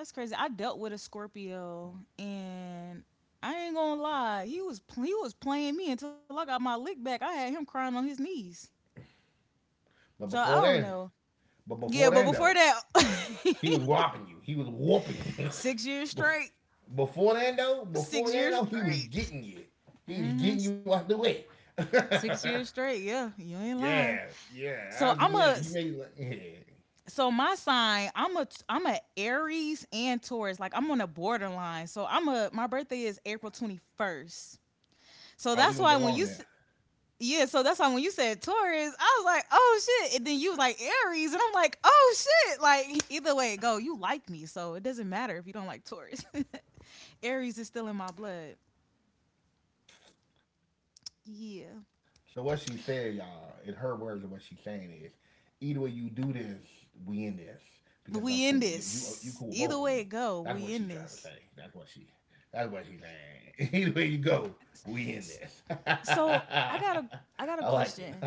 Speaker 2: That's crazy. I dealt with a Scorpio, and I ain't gonna lie, he was pl- he was playing me until I got my lick back. I had him crying on his knees.
Speaker 1: But
Speaker 2: So I
Speaker 1: before
Speaker 2: don't
Speaker 1: then,
Speaker 2: know.
Speaker 1: but
Speaker 2: Yeah,
Speaker 1: before
Speaker 2: but
Speaker 1: then
Speaker 2: before
Speaker 1: though,
Speaker 2: that,
Speaker 1: he was whopping you. He was whooping you.
Speaker 2: six years straight.
Speaker 1: before then though, before
Speaker 2: Six
Speaker 1: then
Speaker 2: years
Speaker 1: though, he was
Speaker 2: straight.
Speaker 1: getting you. He was
Speaker 2: Hmm.
Speaker 1: getting you out the way.
Speaker 2: Six years straight. Yeah, you ain't
Speaker 1: Yeah,
Speaker 2: lying.
Speaker 1: yeah, I
Speaker 2: So
Speaker 1: was-
Speaker 2: I'm
Speaker 1: yeah.
Speaker 2: a.
Speaker 1: You made it like, yeah.
Speaker 2: So my sign, I'm a I'm a Aries and Taurus. Like I'm on a borderline. So I'm a my birthday is April twenty-first. So
Speaker 1: Oh,
Speaker 2: that's
Speaker 1: we
Speaker 2: why
Speaker 1: gonna get
Speaker 2: when you
Speaker 1: along now.
Speaker 2: Yeah, so that's why when you said Taurus, I was like, oh shit. And then you was like Aries, and I'm like, oh shit. Like either way it go, you like me, so it doesn't matter if you don't like Taurus. Aries is still in my blood.
Speaker 1: So what she said, y'all, in her words, and what she's saying
Speaker 2: Yeah,
Speaker 1: is, either way you do this, we in this because I'm cool. With you, you you cool with both of me. That's what she trying
Speaker 2: we in
Speaker 1: to say. That's what
Speaker 2: this.
Speaker 1: she.
Speaker 2: Either way it
Speaker 1: That's what
Speaker 2: go,
Speaker 1: she
Speaker 2: we in
Speaker 1: saying.
Speaker 2: this.
Speaker 1: Either way you go, we in this. I like it. I
Speaker 2: So
Speaker 1: love it.
Speaker 2: I got a, I got a question.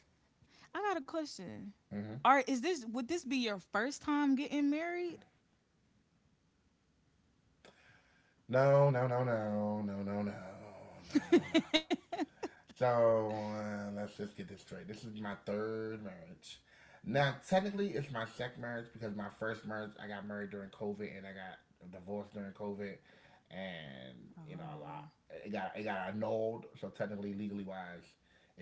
Speaker 1: Mm-hmm.
Speaker 2: I got a question. Are is this Would this be your first time getting married?
Speaker 1: No, no, no, no, no, no, no, no, no, no. So uh, let's just get this straight. This is my third marriage. Now, technically, it's my second marriage because my first marriage, I got married during COVID and I got divorced during COVID, and you know a
Speaker 2: Oh.
Speaker 1: lot. It got it got annulled. So technically, legally wise,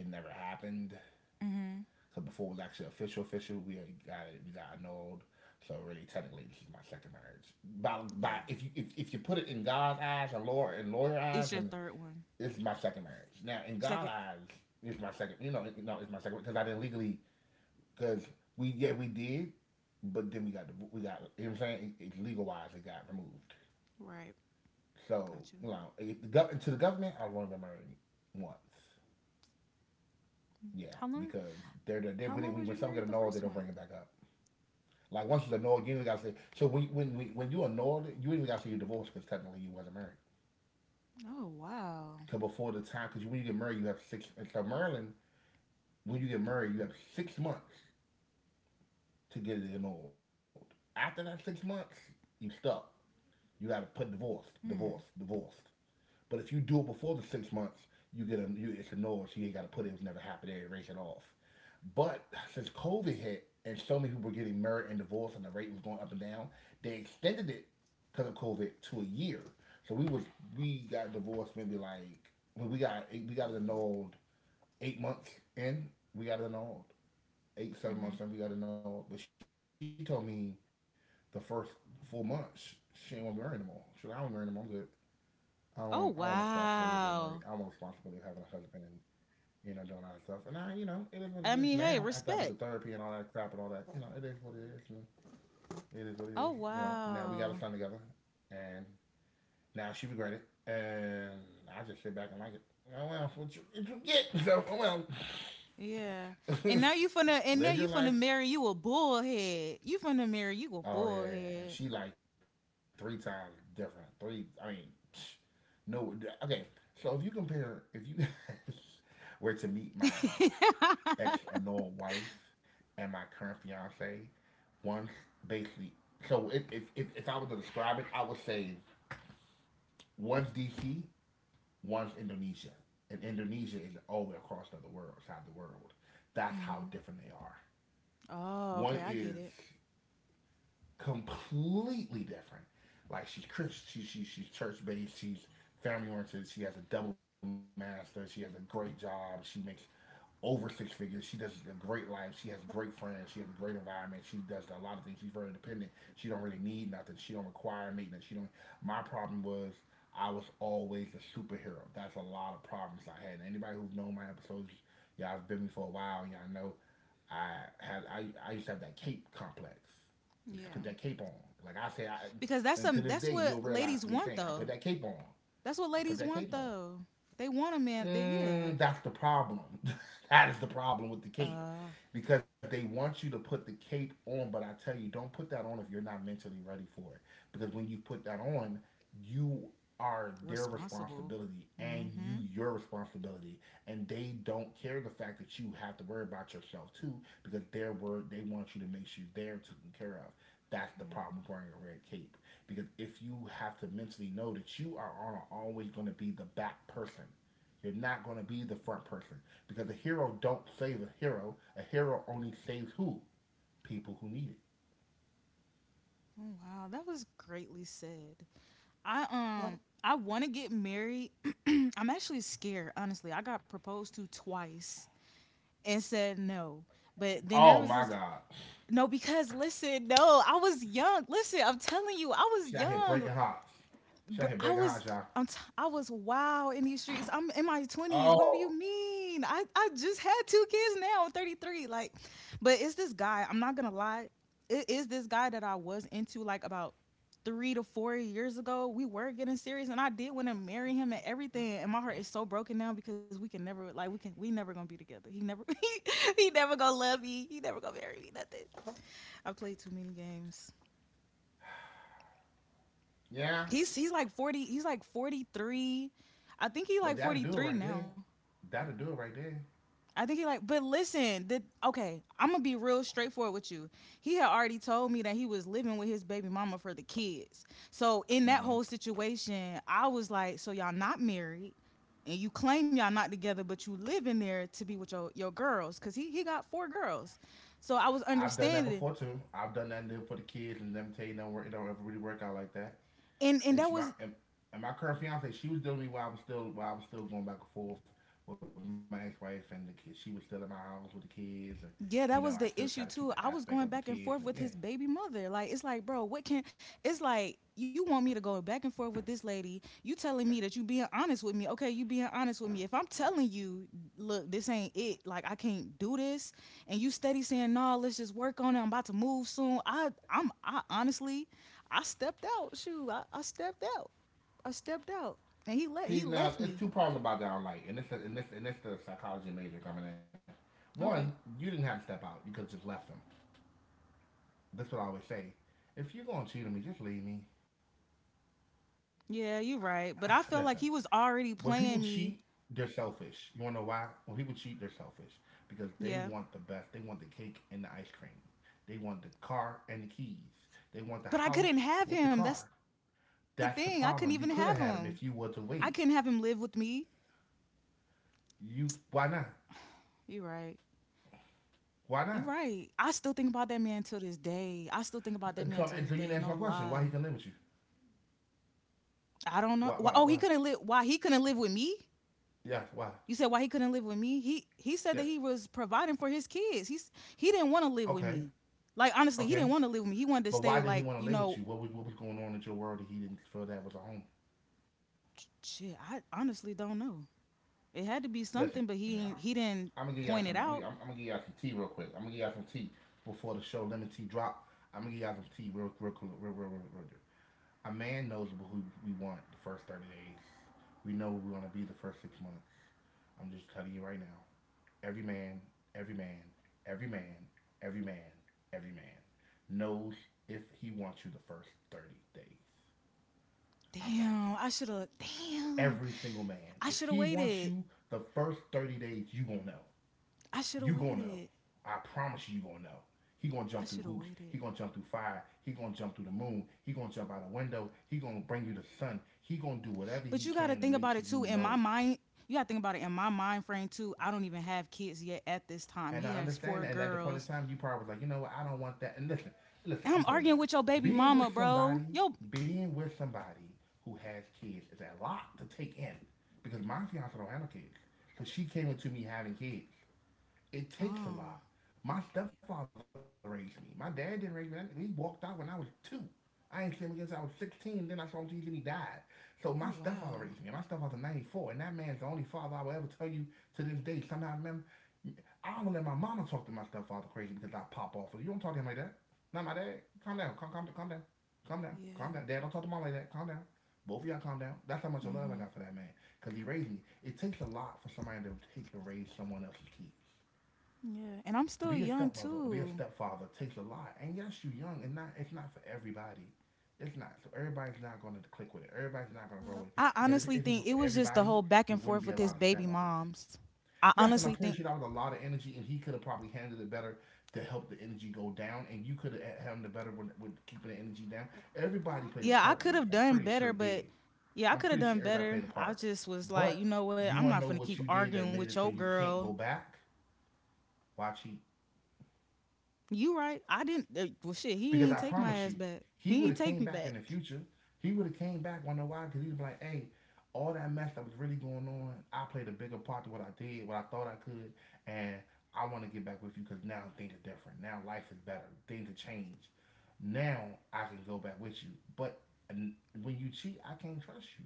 Speaker 1: it never happened.
Speaker 2: Hmm.
Speaker 1: Cause before it was actually official, official, we got it, we got annulled. So really, technically, this is my second marriage. By by,
Speaker 2: Yeah.
Speaker 1: if you if, if you put it in God's eyes, and lawyer and lawyer eyes,
Speaker 2: It's your
Speaker 1: and
Speaker 2: third one.
Speaker 1: this is my second marriage. Now, in
Speaker 2: Second,
Speaker 1: God's eyes, it's my second. You know, no, it's my second because I didn't legally. Because we, yeah, we did, but then we got we got. You know what I'm saying? It, it legal wise, it got removed.
Speaker 2: right?
Speaker 1: So
Speaker 2: Got you.
Speaker 1: you know, it, the to the government, I've only been married once. Yeah,
Speaker 2: How long?
Speaker 1: because they're they're,
Speaker 2: How
Speaker 1: when, it,
Speaker 2: long was
Speaker 1: when
Speaker 2: you
Speaker 1: someone get
Speaker 2: married the
Speaker 1: annulled, they
Speaker 2: first
Speaker 1: don't bring it
Speaker 2: one?
Speaker 1: back up. Like once it's annulled, you even gotta say. So when when when- when you annulled, it, you even gotta say you're divorced because technically you wasn't married.
Speaker 2: Oh wow.
Speaker 1: Cause before the time, cause when you get married, you have six. And so Maryland, when you get married, you have six months to get it annulled. After that six months, you stuck. You got to put divorced,
Speaker 2: Hmm.
Speaker 1: divorced, divorced. But if you do it before the six months, you get a you, it's annulled, so you ain't got to put it. It was never happened. They erase it off. But since COVID hit and so many people were getting married and divorced and the rate was going up and down, they extended it because of COVID to a year. So we was we got divorced maybe like when we got we got it annulled eight months in. We got it annulled eight,
Speaker 2: Hmm.
Speaker 1: seven months in, we got to know. But she told me the first full month sh- she ain't want to marry anymore. She like, I don't marry anymore. I'm good. I don't want, I don't want
Speaker 2: Oh
Speaker 1: responsibility of being married. I want
Speaker 2: wow.
Speaker 1: responsibility of having a husband and you know doing all that stuff. And I, you know, it is what it
Speaker 2: I
Speaker 1: is
Speaker 2: mean,
Speaker 1: now.
Speaker 2: hey,
Speaker 1: After I went to
Speaker 2: respect.
Speaker 1: therapy and all that crap and all that, you know, it is what it is. And it is what it is.
Speaker 2: Oh
Speaker 1: You know, now we got a
Speaker 2: wow.
Speaker 1: son together, and now she regret it, and I just sit back and like it. Oh well, what you, what you get? So oh well,
Speaker 2: Yeah. And now you finna and now
Speaker 1: live
Speaker 2: you
Speaker 1: your
Speaker 2: finna
Speaker 1: life.
Speaker 2: marry you a bullhead. You finna marry you a
Speaker 1: Oh yeah, yeah, yeah. And
Speaker 2: bullhead.
Speaker 1: she like three times different. Three, I mean, psh, no. Okay, so if you compare, if you were to meet my ex annoyed wife and my current fiance, one's basically. So if if if, if I was to describe it, I would say one's D C, one's Indonesia, and Indonesia is all the way across the other world, side of the world. That's
Speaker 2: Hmm.
Speaker 1: how different they are.
Speaker 2: Oh, okay,
Speaker 1: One
Speaker 2: I get
Speaker 1: is
Speaker 2: it.
Speaker 1: completely different. Like she's Christian, she, she, she's church based, she's family oriented, she has a double master, she has a great job, she makes over six figures. She does a great life. She has great friends. She has a great environment. She does a lot of things. She's very independent. She don't really need nothing. She don't require maintenance. She don't. My problem was I was always a superhero. That's a lot of problems I had. And anybody who's known my episodes, y'all have been with me for a while. Y'all know I had I, I used to have that cape complex. You used to put
Speaker 2: Yeah.
Speaker 1: that cape on. Like I say, I,
Speaker 2: Because that's
Speaker 1: and
Speaker 2: some
Speaker 1: to this
Speaker 2: that's
Speaker 1: day,
Speaker 2: what
Speaker 1: you'll
Speaker 2: ladies
Speaker 1: realize me
Speaker 2: want
Speaker 1: saying I
Speaker 2: though.
Speaker 1: put that cape on.
Speaker 2: That's what
Speaker 1: I put
Speaker 2: ladies
Speaker 1: that
Speaker 2: want
Speaker 1: cape on.
Speaker 2: though. They want a man. They Yeah.
Speaker 1: Mm, that's the problem. That is the problem with the cape
Speaker 2: Uh,
Speaker 1: because they want you to put the cape on, but I tell you, don't put that on if you're not mentally ready for it. Because when you put that on, you are their
Speaker 2: Responsible.
Speaker 1: responsibility and you
Speaker 2: Mhm.
Speaker 1: your responsibility, and they don't care the fact that you have to worry about yourself too, because their word, they want you to make sure they're taken care of. That's the problem with wearing a red cape, because if you have to mentally know that you are on- always going to be the back person, you're not going to be the front person, because a hero don't save a hero. A hero only saves who? People who need it.
Speaker 2: Oh, wow, that was greatly said. I um I want to get married. I'm actually scared, honestly. I got proposed to twice and said no. But then there
Speaker 1: Oh
Speaker 2: was
Speaker 1: my
Speaker 2: this
Speaker 1: God,
Speaker 2: no because listen, no, I was young. Listen, I'm telling you, I
Speaker 1: she
Speaker 2: was
Speaker 1: out here
Speaker 2: young.
Speaker 1: breaking hearts. She out here
Speaker 2: I
Speaker 1: breaking hearts,
Speaker 2: was
Speaker 1: y'all.
Speaker 2: I'm t- I was wow in these streets. I'm in my twenties. What do you
Speaker 1: Oh
Speaker 2: mean? I, I just had two kids now, I'm thirty-three. Like, but it's this guy, I'm not gonna lie. It is this guy that I was into like about three to four years ago. We were getting serious and I did want to marry him and everything. And my heart is so broken now because we can never like we can we never gonna be together. He never he, he never gonna love me. He never gonna marry me, nothing. I played too many games.
Speaker 1: yeah,
Speaker 2: He's he's like forty. He's like forty three. I think he
Speaker 1: but
Speaker 2: like
Speaker 1: that'll
Speaker 2: forty
Speaker 1: do it right
Speaker 2: three
Speaker 1: there.
Speaker 2: now.
Speaker 1: That'll do it right there.
Speaker 2: I think he like. But listen, the, okay, I'm gonna be real straightforward with you. He had already told me that he was living with his baby mama for the kids. So in that
Speaker 1: Hmm,
Speaker 2: whole situation, I was like, so y'all not married, and you claim y'all not together, but you live in there to be with your your girls, cause he he got four girls. So I was
Speaker 1: I've done that
Speaker 2: understanding,
Speaker 1: before too. I've done that and for the kids, and them tell you, no, it don't ever really work out like that.
Speaker 2: and
Speaker 1: and
Speaker 2: and
Speaker 1: she
Speaker 2: that
Speaker 1: my
Speaker 2: was.
Speaker 1: and, and my current fiance, she was dealing with me while I was still while I was still going back and forth with my ex wife and the kids. She was still in my house with the kids, and you know I
Speaker 2: Yeah,
Speaker 1: still
Speaker 2: that was
Speaker 1: try to
Speaker 2: the
Speaker 1: keep the
Speaker 2: issue too.
Speaker 1: aspect
Speaker 2: I
Speaker 1: of the
Speaker 2: was going
Speaker 1: kids.
Speaker 2: back
Speaker 1: And
Speaker 2: and
Speaker 1: yeah,
Speaker 2: forth with his baby mother. Like it's like, bro, what can It's like you want me to go back and forth with this lady. You telling me that you being honest with me. Okay, you being honest with me. If I'm telling you, look, this ain't it. Like I can't do this and you steady saying, "No, let's just work on it. I'm about to move soon." I I'm I honestly, I stepped out. Shoot, I, I stepped out. I stepped out. And he let
Speaker 1: see
Speaker 2: he
Speaker 1: now
Speaker 2: left
Speaker 1: it's
Speaker 2: me.
Speaker 1: two problems about that online, and it's the, and this and this the psychology major coming in.
Speaker 2: Okay.
Speaker 1: One, you didn't have to step out; you could have just left them. That's what I always say. If you're going to cheat on me, just leave me.
Speaker 2: Yeah, you're right. But I
Speaker 1: Listen,
Speaker 2: felt like he was
Speaker 1: when
Speaker 2: already
Speaker 1: people
Speaker 2: playing
Speaker 1: cheat,
Speaker 2: me.
Speaker 1: they're selfish. You wanna know why? When people cheat, they're selfish because
Speaker 2: Yeah.
Speaker 1: they want the best. They want the cake and the ice cream. They want the car and the keys. They
Speaker 2: But
Speaker 1: want
Speaker 2: I
Speaker 1: the
Speaker 2: couldn't
Speaker 1: house
Speaker 2: have him.
Speaker 1: with the
Speaker 2: That's the
Speaker 1: car.
Speaker 2: thing. I couldn't even have
Speaker 1: That's the
Speaker 2: him.
Speaker 1: problem. You
Speaker 2: I
Speaker 1: could have
Speaker 2: couldn't
Speaker 1: had
Speaker 2: have
Speaker 1: him
Speaker 2: him
Speaker 1: if
Speaker 2: live
Speaker 1: you were
Speaker 2: with
Speaker 1: to
Speaker 2: me.
Speaker 1: wait. You why
Speaker 2: You are
Speaker 1: not?
Speaker 2: right. You are right.
Speaker 1: Why
Speaker 2: I
Speaker 1: not?
Speaker 2: still think about that man to this day. I still think about that man to this
Speaker 1: Uh,
Speaker 2: day.
Speaker 1: Come
Speaker 2: No
Speaker 1: and so you didn't answer
Speaker 2: lie.
Speaker 1: my question. Why he can live with you?
Speaker 2: I don't know. Why, oh,
Speaker 1: Why?
Speaker 2: he
Speaker 1: Why?
Speaker 2: couldn't
Speaker 1: Why?
Speaker 2: live. Why he couldn't live with me?
Speaker 1: Yeah.
Speaker 2: You
Speaker 1: Why?
Speaker 2: said why he couldn't live with me? He he said that he
Speaker 1: Yeah.
Speaker 2: was providing for his kids. He's he didn't want to live with me.
Speaker 1: Okay.
Speaker 2: Like honestly, he didn't want to
Speaker 1: Okay.
Speaker 2: live with me. He wanted to stay
Speaker 1: But why
Speaker 2: like
Speaker 1: did he
Speaker 2: you
Speaker 1: want to
Speaker 2: know.
Speaker 1: live with you? What was what was going on in your world that he didn't feel that was a home?
Speaker 2: Shit, I honestly don't know. It had to be
Speaker 1: Listen,
Speaker 2: something, but
Speaker 1: y'all.
Speaker 2: he he
Speaker 1: I'm gonna give
Speaker 2: didn't
Speaker 1: y'all some. I'm,
Speaker 2: point
Speaker 1: I'm,
Speaker 2: it
Speaker 1: I'm gonna
Speaker 2: out.
Speaker 1: give y'all some tea real quick. I'm gonna give y'all some tea before the show lemon tea drop. I'm gonna give y'all some tea real, real, real, real, real, real, real. A man knows who we want the first thirty days. We know who we want to be the first six months. I'm just telling you right now. Every man, every man, every man, every man, every man knows if he wants you the first thirty days. I promise
Speaker 2: Damn,
Speaker 1: you.
Speaker 2: I should have. Damn,
Speaker 1: Every single man,
Speaker 2: I
Speaker 1: if
Speaker 2: should have
Speaker 1: he wants
Speaker 2: waited.
Speaker 1: you the first thirty days, you gonna know.
Speaker 2: I should have
Speaker 1: You gonna know.
Speaker 2: waited.
Speaker 1: I promise you, you gonna know. He gonna
Speaker 2: I
Speaker 1: jump through
Speaker 2: should have
Speaker 1: hoops.
Speaker 2: waited.
Speaker 1: He gonna jump through fire. He gonna jump through the moon. He gonna jump out a window. He gonna bring you the sun. He gonna do
Speaker 2: But you
Speaker 1: whatever
Speaker 2: gotta
Speaker 1: he
Speaker 2: think
Speaker 1: can
Speaker 2: about
Speaker 1: to
Speaker 2: it
Speaker 1: make
Speaker 2: too.
Speaker 1: sure
Speaker 2: In
Speaker 1: you
Speaker 2: my
Speaker 1: know.
Speaker 2: mind, you gotta think about it. In my mind frame too, I don't even have kids yet at this time. He
Speaker 1: And I
Speaker 2: has four
Speaker 1: understand that. And at the point
Speaker 2: girls,
Speaker 1: in time, you probably was like, you know what? I don't want that. And listen,
Speaker 2: and
Speaker 1: listen.
Speaker 2: I'm
Speaker 1: I'm gonna tell you
Speaker 2: arguing
Speaker 1: about
Speaker 2: with
Speaker 1: this.
Speaker 2: your baby
Speaker 1: Being
Speaker 2: mama,
Speaker 1: with
Speaker 2: bro.
Speaker 1: somebody,
Speaker 2: Yo.
Speaker 1: being with somebody who has kids is a lot to take in because my fiance don't have no kids. So she came into me having kids. It
Speaker 2: Oh.
Speaker 1: takes a lot. My stepfather raised me. My dad didn't raise me. He walked out when I was two. I ain't seen him since I was sixteen. Then I saw him till he died. So my
Speaker 2: Oh
Speaker 1: stepfather raised
Speaker 2: wow.
Speaker 1: me. My stepfather's ninety-four, and that man's the only father I will ever tell you to this day. Sometimes I remember, I don't let my mama talk to my stepfather crazy because I pop off. You don't talk to him like that. Not my dad. Calm down. Calm, calm, calm down. Calm down. Calm
Speaker 2: Yeah.
Speaker 1: down. Dad, don't talk to mom like that. Calm down. Both of y'all calm down. That's how much love I got for
Speaker 2: Mhm.
Speaker 1: that man because he raised me. It takes a lot for somebody to take and raise someone else's kids,
Speaker 2: Yeah. And I'm
Speaker 1: to be a
Speaker 2: still young
Speaker 1: stepmother or be a
Speaker 2: too.
Speaker 1: stepfather takes a lot. And yes, you're young, and not it's not for everybody. It's not. So everybody's not going to click with it. Everybody's not going to grow with it.
Speaker 2: I
Speaker 1: Because if, if
Speaker 2: honestly
Speaker 1: it was
Speaker 2: think
Speaker 1: for
Speaker 2: it was just
Speaker 1: everybody,
Speaker 2: the whole back
Speaker 1: it
Speaker 2: and
Speaker 1: wouldn't be
Speaker 2: forth
Speaker 1: a
Speaker 2: with
Speaker 1: lot of
Speaker 2: his baby
Speaker 1: stepmothers.
Speaker 2: moms. I
Speaker 1: Yes, and I'm
Speaker 2: honestly
Speaker 1: pretty
Speaker 2: think
Speaker 1: sure that was a lot of energy, and he could have probably handled it better to help the energy go down, and you could have handled it better with, with keeping the energy down. Everybody played a
Speaker 2: Yeah, I
Speaker 1: part
Speaker 2: could
Speaker 1: in this.
Speaker 2: have
Speaker 1: I'm
Speaker 2: done
Speaker 1: pretty sure
Speaker 2: better,
Speaker 1: it
Speaker 2: but
Speaker 1: did.
Speaker 2: yeah, I
Speaker 1: I'm
Speaker 2: could have
Speaker 1: pretty sure
Speaker 2: done
Speaker 1: everybody played
Speaker 2: better.
Speaker 1: a
Speaker 2: I
Speaker 1: part.
Speaker 2: just was like, you
Speaker 1: But
Speaker 2: know what?
Speaker 1: you
Speaker 2: I'm
Speaker 1: want
Speaker 2: not
Speaker 1: to know
Speaker 2: gonna keep
Speaker 1: what you did
Speaker 2: arguing
Speaker 1: that
Speaker 2: with
Speaker 1: made it
Speaker 2: your
Speaker 1: so you can't
Speaker 2: girl.
Speaker 1: go back? Why cheat?
Speaker 2: You right? I didn't. uh, Well, shit, he ain't
Speaker 1: Because I
Speaker 2: take my
Speaker 1: promise
Speaker 2: ass
Speaker 1: you,
Speaker 2: back.
Speaker 1: he would
Speaker 2: He
Speaker 1: have
Speaker 2: ain't
Speaker 1: came
Speaker 2: take me
Speaker 1: back in the
Speaker 2: back.
Speaker 1: future. He would have came back. Wanna know why? Because he'd be like, hey, all that mess that was really going on, I played a bigger part to what I did, what I thought I could, and I want to get back with you because now things are different. Now life is better. Things have changed. Now I can go back with you. But when you cheat, I can't trust you.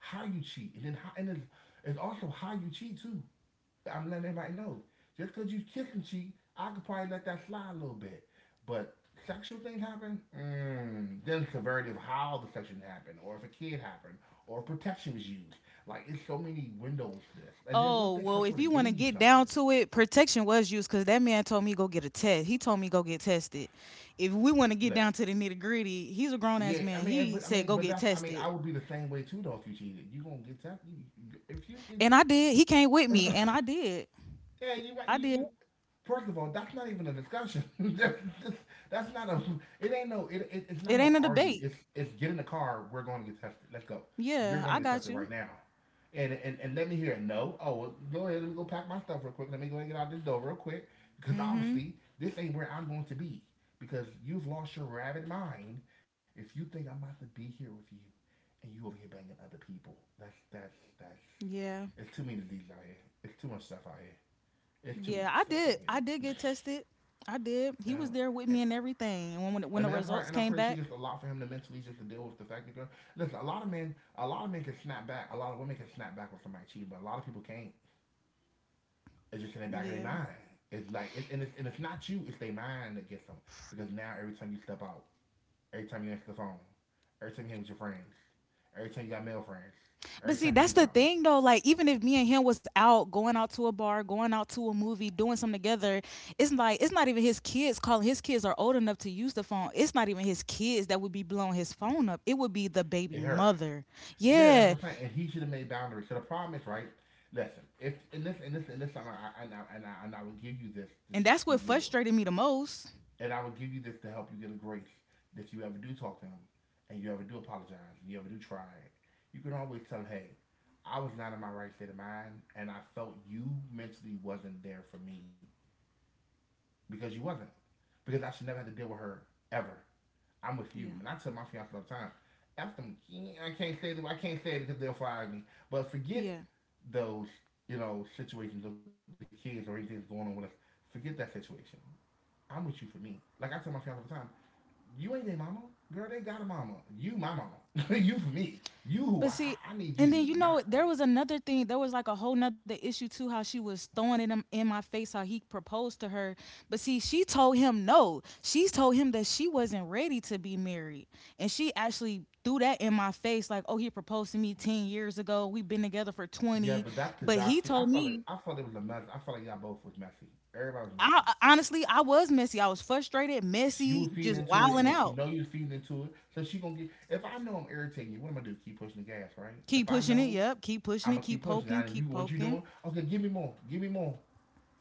Speaker 1: How you cheat, and then how, and it's, it's also how you cheat too. I'm letting everybody know. Just because you kiss and cheat, I could probably let that slide a little bit. But sexual things happen, mm, then it's severity of how the sexual happened, or if a kid happened, or if protection was used. Like, it's so many windows to this. And then what if
Speaker 2: Oh
Speaker 1: that
Speaker 2: well,
Speaker 1: person
Speaker 2: if
Speaker 1: would
Speaker 2: you
Speaker 1: have
Speaker 2: want
Speaker 1: gave
Speaker 2: to
Speaker 1: you
Speaker 2: get
Speaker 1: something?
Speaker 2: down to it, protection was used because that man told me go get a test. He told me go get tested. If we want to get
Speaker 1: Listen,
Speaker 2: down to the nitty gritty, he's a grown
Speaker 1: yeah,
Speaker 2: ass
Speaker 1: I
Speaker 2: man.
Speaker 1: mean,
Speaker 2: He
Speaker 1: but I
Speaker 2: said
Speaker 1: mean,
Speaker 2: go
Speaker 1: but
Speaker 2: get
Speaker 1: that's, I mean, I
Speaker 2: tested,
Speaker 1: would be the same way too, though. If you cheated, you gonna get that. You, if you,
Speaker 2: and
Speaker 1: if
Speaker 2: I
Speaker 1: you,
Speaker 2: did. He came with me, and I did.
Speaker 1: yeah, you might,
Speaker 2: I
Speaker 1: you,
Speaker 2: did.
Speaker 1: you, first of all, that's not even a discussion. that's, that's- that's not a. It ain't no. It, it, it's not
Speaker 2: It
Speaker 1: no
Speaker 2: ain't a
Speaker 1: argue.
Speaker 2: debate.
Speaker 1: It's it's get in the car. We're going to get tested. Let's go. You're
Speaker 2: Yeah,
Speaker 1: going to
Speaker 2: I
Speaker 1: get tested
Speaker 2: got
Speaker 1: right
Speaker 2: you.
Speaker 1: now. And, and and let me hear it. No. Oh, well, go ahead. Let me go pack my stuff real quick. Let me go ahead and get out this door real quick. Because
Speaker 2: Mm-hmm.
Speaker 1: obviously, this ain't where I'm going to be. Because you've lost your rabid mind if you think I'm about to be here with you, and you over here banging other people. That's that's that's.
Speaker 2: Yeah.
Speaker 1: It's too many of these out here. It's too much stuff out here. It's too
Speaker 2: Yeah,
Speaker 1: much
Speaker 2: I
Speaker 1: stuff out
Speaker 2: did. I did
Speaker 1: here.
Speaker 2: get tested. I did. He
Speaker 1: Yeah.
Speaker 2: was there with
Speaker 1: And,
Speaker 2: me and everything. And when when the
Speaker 1: I
Speaker 2: when the
Speaker 1: mean, I'm probably,
Speaker 2: results
Speaker 1: and I'm
Speaker 2: came
Speaker 1: pretty sure
Speaker 2: back,
Speaker 1: just a lot for him to mentally just to deal with the fact that girl. Listen, a lot of men, a lot of men can snap back. A lot of women can snap back when somebody cheats, but a lot of people can't. It's just in the back of their
Speaker 2: yeah.
Speaker 1: mind. It's like, it, and, it's, and it's not you. It's their mind that gets them. Because now every time you step out, every time you answer the phone, every time you hang with your friends, every time you got male friends, every
Speaker 2: But see,
Speaker 1: time you
Speaker 2: that's
Speaker 1: do
Speaker 2: the
Speaker 1: something,
Speaker 2: thing though. Like, even if me and him was out, going out to a bar, going out to a movie, doing something together, it's like it's not even his kids calling. His kids are old enough to use the phone. It's not even his kids that would be blowing his phone up. It would be the baby
Speaker 1: it hurts.
Speaker 2: mother.
Speaker 1: Yeah, that's
Speaker 2: Yeah,
Speaker 1: what I'm saying. And he should have made boundaries. So the problem is, right? Listen, if in this, in this, in this summer, I, and, I, and, I, and I would give you this
Speaker 2: and
Speaker 1: to
Speaker 2: that's what
Speaker 1: just give you,
Speaker 2: frustrated me the most.
Speaker 1: and I would give you this to help you get a grace. If you ever do talk to him, and you ever do apologize, and you ever do try it, you can always tell, him, hey, I was not in my right state of mind, and I felt you mentally wasn't there for me because you wasn't, because I should never have to deal with her ever. I'm with
Speaker 2: Yeah,
Speaker 1: you. And I tell my fiance all the time, F them, yeah, I can't say that, I can't say it because they'll fire me. But forget
Speaker 2: yeah.
Speaker 1: those, you know, situations of the kids or anything that's going on with us. Forget that situation. I'm with you for me. Like I tell my fiance all the time, you ain't their mama. Girl, they got a mama. You my mama. You for me. You who I,
Speaker 2: But see,
Speaker 1: I, I need you to
Speaker 2: and
Speaker 1: be
Speaker 2: then you
Speaker 1: my
Speaker 2: know
Speaker 1: wife.
Speaker 2: there was another thing. There was like a whole nother issue too. How she was throwing it in, in my face. How he proposed to her. But see, she told him no. She told him that she wasn't ready to be married, and she actually threw that in my face. Like, oh, he proposed to me ten years ago. We've been together for
Speaker 1: Yeah,
Speaker 2: twenty.
Speaker 1: but that's because
Speaker 2: But
Speaker 1: y'all
Speaker 2: he
Speaker 1: see, I
Speaker 2: told
Speaker 1: felt like
Speaker 2: me,
Speaker 1: I felt it was a mess. I felt like y'all both was messy. Everybody was
Speaker 2: I
Speaker 1: messy.
Speaker 2: I- honestly, I was messy. I was frustrated,
Speaker 1: She
Speaker 2: messy,
Speaker 1: was feeding
Speaker 2: just
Speaker 1: into it, and
Speaker 2: wilding
Speaker 1: then she
Speaker 2: out.
Speaker 1: know you feeding into it, so she gonna get. If I know I'm irritating you, what am I gonna do? Keep pushing the gas, right?
Speaker 2: Keep
Speaker 1: If I
Speaker 2: pushing it.
Speaker 1: know
Speaker 2: Yep. Keep pushing
Speaker 1: I'm
Speaker 2: it.
Speaker 1: gonna keep
Speaker 2: Keep
Speaker 1: pushing, I
Speaker 2: poking.
Speaker 1: and you
Speaker 2: Keep
Speaker 1: what you
Speaker 2: poking.
Speaker 1: doing? Okay, give me more, give me more.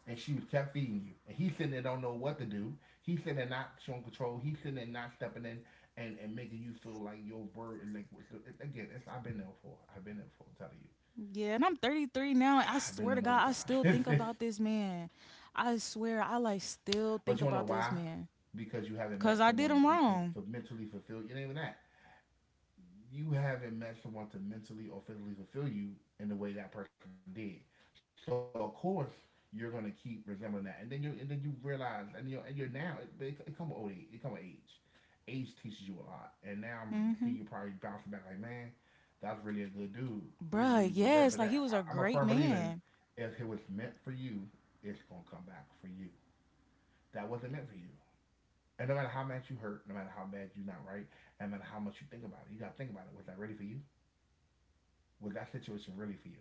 Speaker 1: And she was kept feeding you, and he sitting there don't know what to do. He sitting there not showing control. He sitting there not stepping in and, and making you feel like your word. Like again, it's, I've been there before. I've been there before. I'm telling you,
Speaker 2: Yeah, and I'm thirty-three
Speaker 1: I've
Speaker 2: now,
Speaker 1: been
Speaker 2: and I
Speaker 1: there
Speaker 2: swear
Speaker 1: multiple
Speaker 2: to God, I
Speaker 1: times.
Speaker 2: still think about this man. I swear, I like still
Speaker 1: But you
Speaker 2: think
Speaker 1: wanna know
Speaker 2: about
Speaker 1: why?
Speaker 2: this man
Speaker 1: Because you haven't met
Speaker 2: because I did
Speaker 1: someone
Speaker 2: him
Speaker 1: who can
Speaker 2: wrong.
Speaker 1: mentally fulfill you. It ain't even that you haven't met someone to mentally or physically fulfill you in the way that person did. So of course you're gonna keep resembling that, and then you and then you realize, and you're and you're now, it, it, it come with old age, it comes with age. Age teaches you a lot, and now I'm see
Speaker 2: Hmm.
Speaker 1: you probably bouncing back like, man, that's really a good dude. It's
Speaker 2: Bruh,
Speaker 1: really would work.
Speaker 2: yes,
Speaker 1: But
Speaker 2: like he
Speaker 1: that,
Speaker 2: was a
Speaker 1: I, I'm a
Speaker 2: great
Speaker 1: firm believer in
Speaker 2: man.
Speaker 1: if it was meant for you, it's gonna come back for you. That wasn't meant for you. And no matter how much you hurt, no matter how bad you're not right, and no matter how much you think about it, you gotta think about it. Was that ready for you? Was that situation really for you?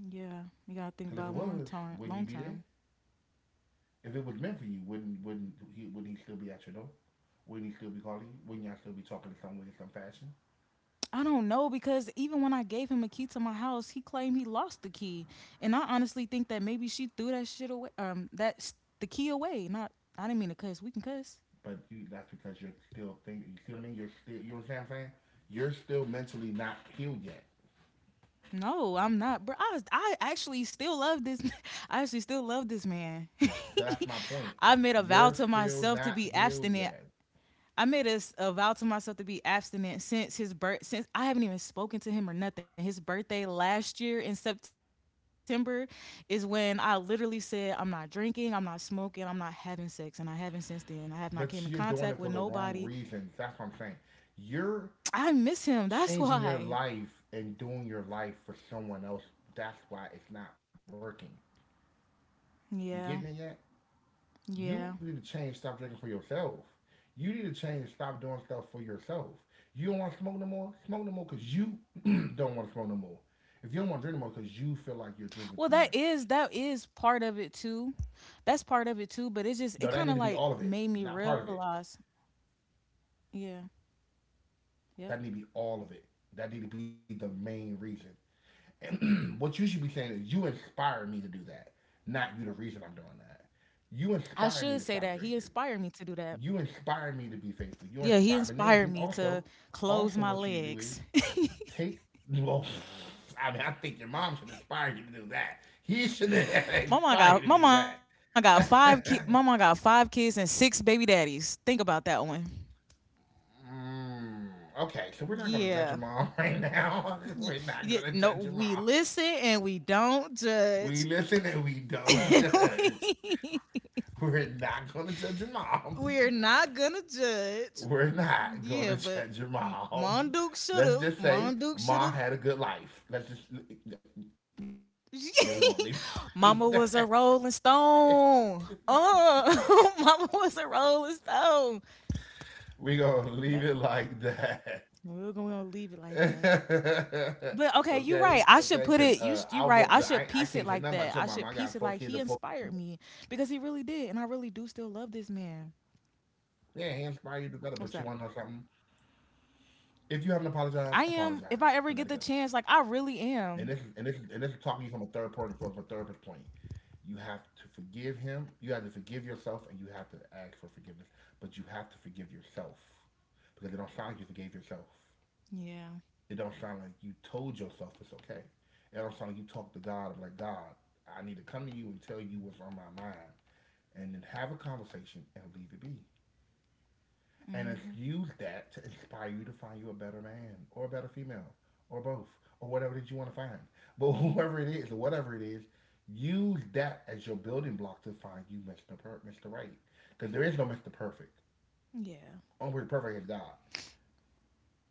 Speaker 2: Yeah, you gotta think
Speaker 1: Because
Speaker 2: about
Speaker 1: if it
Speaker 2: long
Speaker 1: was,
Speaker 2: term. Long
Speaker 1: wouldn't you be
Speaker 2: term,
Speaker 1: there? If it was meant for you, wouldn't wouldn't he wouldn't he still be at your door? Wouldn't he still be calling you? Wouldn't y'all still be talking in some way, in some fashion?
Speaker 2: I don't know because even when I gave him a key to my house, he claimed he lost the key, and I honestly think that maybe she threw that shit away. Um, that's the key away. Not, I didn't mean to cuss. We can cuss.
Speaker 1: But you that's because you're still thinking. You see what I mean? You're still. You know what I'm saying? You're still mentally not healed yet.
Speaker 2: No, I'm not, bro. I, I actually still love this. I actually still love this man.
Speaker 1: That's my point.
Speaker 2: I made a vow
Speaker 1: You're
Speaker 2: to
Speaker 1: still
Speaker 2: myself to
Speaker 1: not
Speaker 2: be
Speaker 1: healed
Speaker 2: abstinent.
Speaker 1: yet.
Speaker 2: I made a, s- a vow to myself to be abstinent since his birth. Since I haven't even spoken to him or nothing. His birthday last year in September is when I literally said, "I'm not drinking. I'm not smoking. I'm not having sex." And I haven't since then. I have not came in
Speaker 1: But
Speaker 2: contact with
Speaker 1: you're doing it for the
Speaker 2: nobody.
Speaker 1: wrong reasons. That's what I'm saying. You're
Speaker 2: I miss him. That's
Speaker 1: changing your
Speaker 2: why.
Speaker 1: life and doing your life for someone else. That's why it's not working. You getting it
Speaker 2: Yeah.
Speaker 1: yet? You
Speaker 2: Yeah.
Speaker 1: need to change stop drinking for yourself. You need to change stop doing stuff for yourself. You don't want to smoke no more? Smoke no more because you don't want to smoke no more. If you don't want to drink no more because you feel like you're
Speaker 2: Well,
Speaker 1: drinking too
Speaker 2: that
Speaker 1: much.
Speaker 2: is that is part of it too. That's part of it too, but it's just
Speaker 1: No,
Speaker 2: it
Speaker 1: that
Speaker 2: kind
Speaker 1: need
Speaker 2: of
Speaker 1: to be
Speaker 2: like
Speaker 1: all of it,
Speaker 2: made me
Speaker 1: not part of it.
Speaker 2: realize, yeah, yep.
Speaker 1: That need to be all of it. That need to be the main reason. And what you should be saying is you inspire me to do that, not you the reason I'm doing that.
Speaker 2: I should
Speaker 1: You
Speaker 2: say that
Speaker 1: inspire
Speaker 2: he
Speaker 1: me to stop
Speaker 2: inspired me to
Speaker 1: drinking.
Speaker 2: do that.
Speaker 1: You inspire me to be
Speaker 2: Yeah,
Speaker 1: faithful.
Speaker 2: he
Speaker 1: You inspire,
Speaker 2: inspired
Speaker 1: but
Speaker 2: me
Speaker 1: then, then
Speaker 2: to
Speaker 1: also,
Speaker 2: close my
Speaker 1: also what you do
Speaker 2: legs.
Speaker 1: is take. Well, I mean, I think your mom should inspire you to do that. He should
Speaker 2: Mama
Speaker 1: inspire you
Speaker 2: got
Speaker 1: to do
Speaker 2: mama
Speaker 1: that.
Speaker 2: got five ki- Mama got five kids and six baby daddies. Think about that one.
Speaker 1: Mm, okay, so we're not gonna
Speaker 2: Yeah.
Speaker 1: judge your mom right now.
Speaker 2: Y-
Speaker 1: We're not
Speaker 2: yeah.
Speaker 1: gonna
Speaker 2: No,
Speaker 1: judge your
Speaker 2: we
Speaker 1: mom.
Speaker 2: listen and we don't
Speaker 1: We
Speaker 2: judge.
Speaker 1: listen and we don't judge.
Speaker 2: we,
Speaker 1: We're not gonna judge your mom.
Speaker 2: we're not gonna judge.
Speaker 1: We're not going
Speaker 2: Yeah,
Speaker 1: to
Speaker 2: but
Speaker 1: judge your
Speaker 2: M-
Speaker 1: mom.
Speaker 2: Monduk should
Speaker 1: Let's
Speaker 2: have.
Speaker 1: just say
Speaker 2: Monduk should have.
Speaker 1: mom had a good life. Let's just, then we're going to leave it like that.
Speaker 2: Mama was a Rolling Stone. Oh, Mama
Speaker 1: We're
Speaker 2: was a
Speaker 1: going to leave
Speaker 2: Rolling
Speaker 1: it like
Speaker 2: Stone.
Speaker 1: that.
Speaker 2: That We're gonna, leave it
Speaker 1: Okay,
Speaker 2: like that.
Speaker 1: okay, because uh, album,
Speaker 2: But
Speaker 1: the,
Speaker 2: okay,
Speaker 1: I,
Speaker 2: you're
Speaker 1: I
Speaker 2: right.
Speaker 1: can't say
Speaker 2: I
Speaker 1: nothing
Speaker 2: should
Speaker 1: about
Speaker 2: put
Speaker 1: your
Speaker 2: it.
Speaker 1: mom.
Speaker 2: You
Speaker 1: I got
Speaker 2: you
Speaker 1: four
Speaker 2: right. I
Speaker 1: kids and
Speaker 2: should
Speaker 1: four.
Speaker 2: piece it like that. I should piece it like he inspired me because he really did, and I really do still love this
Speaker 1: Yeah, he
Speaker 2: man.
Speaker 1: inspired you to do better, but you want to know something?
Speaker 2: What's up?
Speaker 1: If you haven't apologized, apologize and let it go.
Speaker 2: I am. If I ever get the
Speaker 1: And this
Speaker 2: chance,
Speaker 1: is
Speaker 2: like
Speaker 1: and
Speaker 2: I
Speaker 1: this is and
Speaker 2: really
Speaker 1: this is talking to you
Speaker 2: am.
Speaker 1: from a third party, from a therapist point. You have to forgive him. You have to forgive yourself, and you have to ask for forgiveness. But you have to forgive yourself because it don't sound like you forgave yourself. It
Speaker 2: Yeah.
Speaker 1: don't sound like you told yourself it's okay. It don't sound like you talked to God. I'm like, God, I need to come to you and tell you what's on my mind, and then have a conversation and leave it be and it's
Speaker 2: Mhm.
Speaker 1: use that to inspire you to find you a better man or a better female or both or whatever that you want to find. But
Speaker 2: Mhm.
Speaker 1: whoever it is or whatever it is, use that as your building block to find you mister Per- mister Right. Because there is no mister Perfect.
Speaker 2: Yeah.
Speaker 1: Only person perfect is God.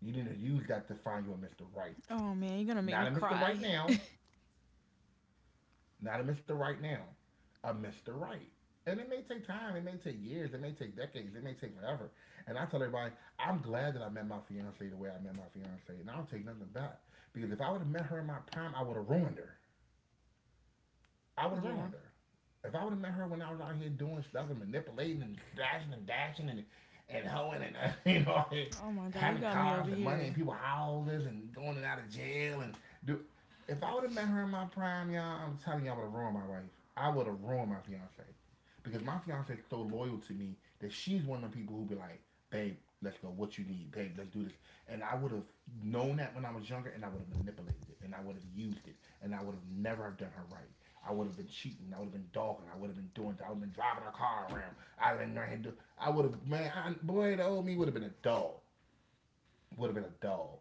Speaker 1: You need to use that to find you a mister Right.
Speaker 2: Oh man, you're gonna make
Speaker 1: Not
Speaker 2: me
Speaker 1: a mister Right
Speaker 2: cry.
Speaker 1: now, Not a mister Right now, a mister Right. And it may take time, it may take years, it may take decades, it may take forever. And I tell everybody, I'm glad that I met my fiancee the way I met my fiancee, and I don't take nothing back. Because if I would have met her in my prime, I would have ruined her. I would have ruined
Speaker 2: Yeah.
Speaker 1: her. If I would have met her when I was out here doing stuff and manipulating and dashing and dashing and and hoeing and uh, you know
Speaker 2: Oh my God,
Speaker 1: having
Speaker 2: you got me
Speaker 1: cars
Speaker 2: over
Speaker 1: and money and
Speaker 2: here.
Speaker 1: people houses and going in and out of jail and do. If I would have met her in my prime, y'all, I'm telling you, I would have ruined my wife. I would have ruined my fiance because my fiance is so loyal to me that she's one of the people who be like, babe, let's go. What you need, babe? Let's do this. And I would have known that when I was younger, and I would have manipulated it, and I would have used it, and I would have never have done her right. I would have been cheating. I would have been dogging. I would have been doing. I would have been driving a car around. I would have been. do- I would have. Man, I, boy, the old me would have been a dog. Would have been a dog.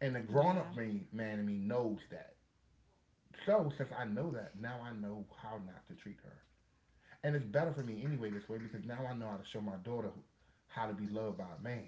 Speaker 1: And the grown up
Speaker 2: Yeah.
Speaker 1: me, man, in me knows that. So since I know that, now I know how not to treat her. And it's better for me anyway this way because now I know how to show my daughter how to be loved by a man,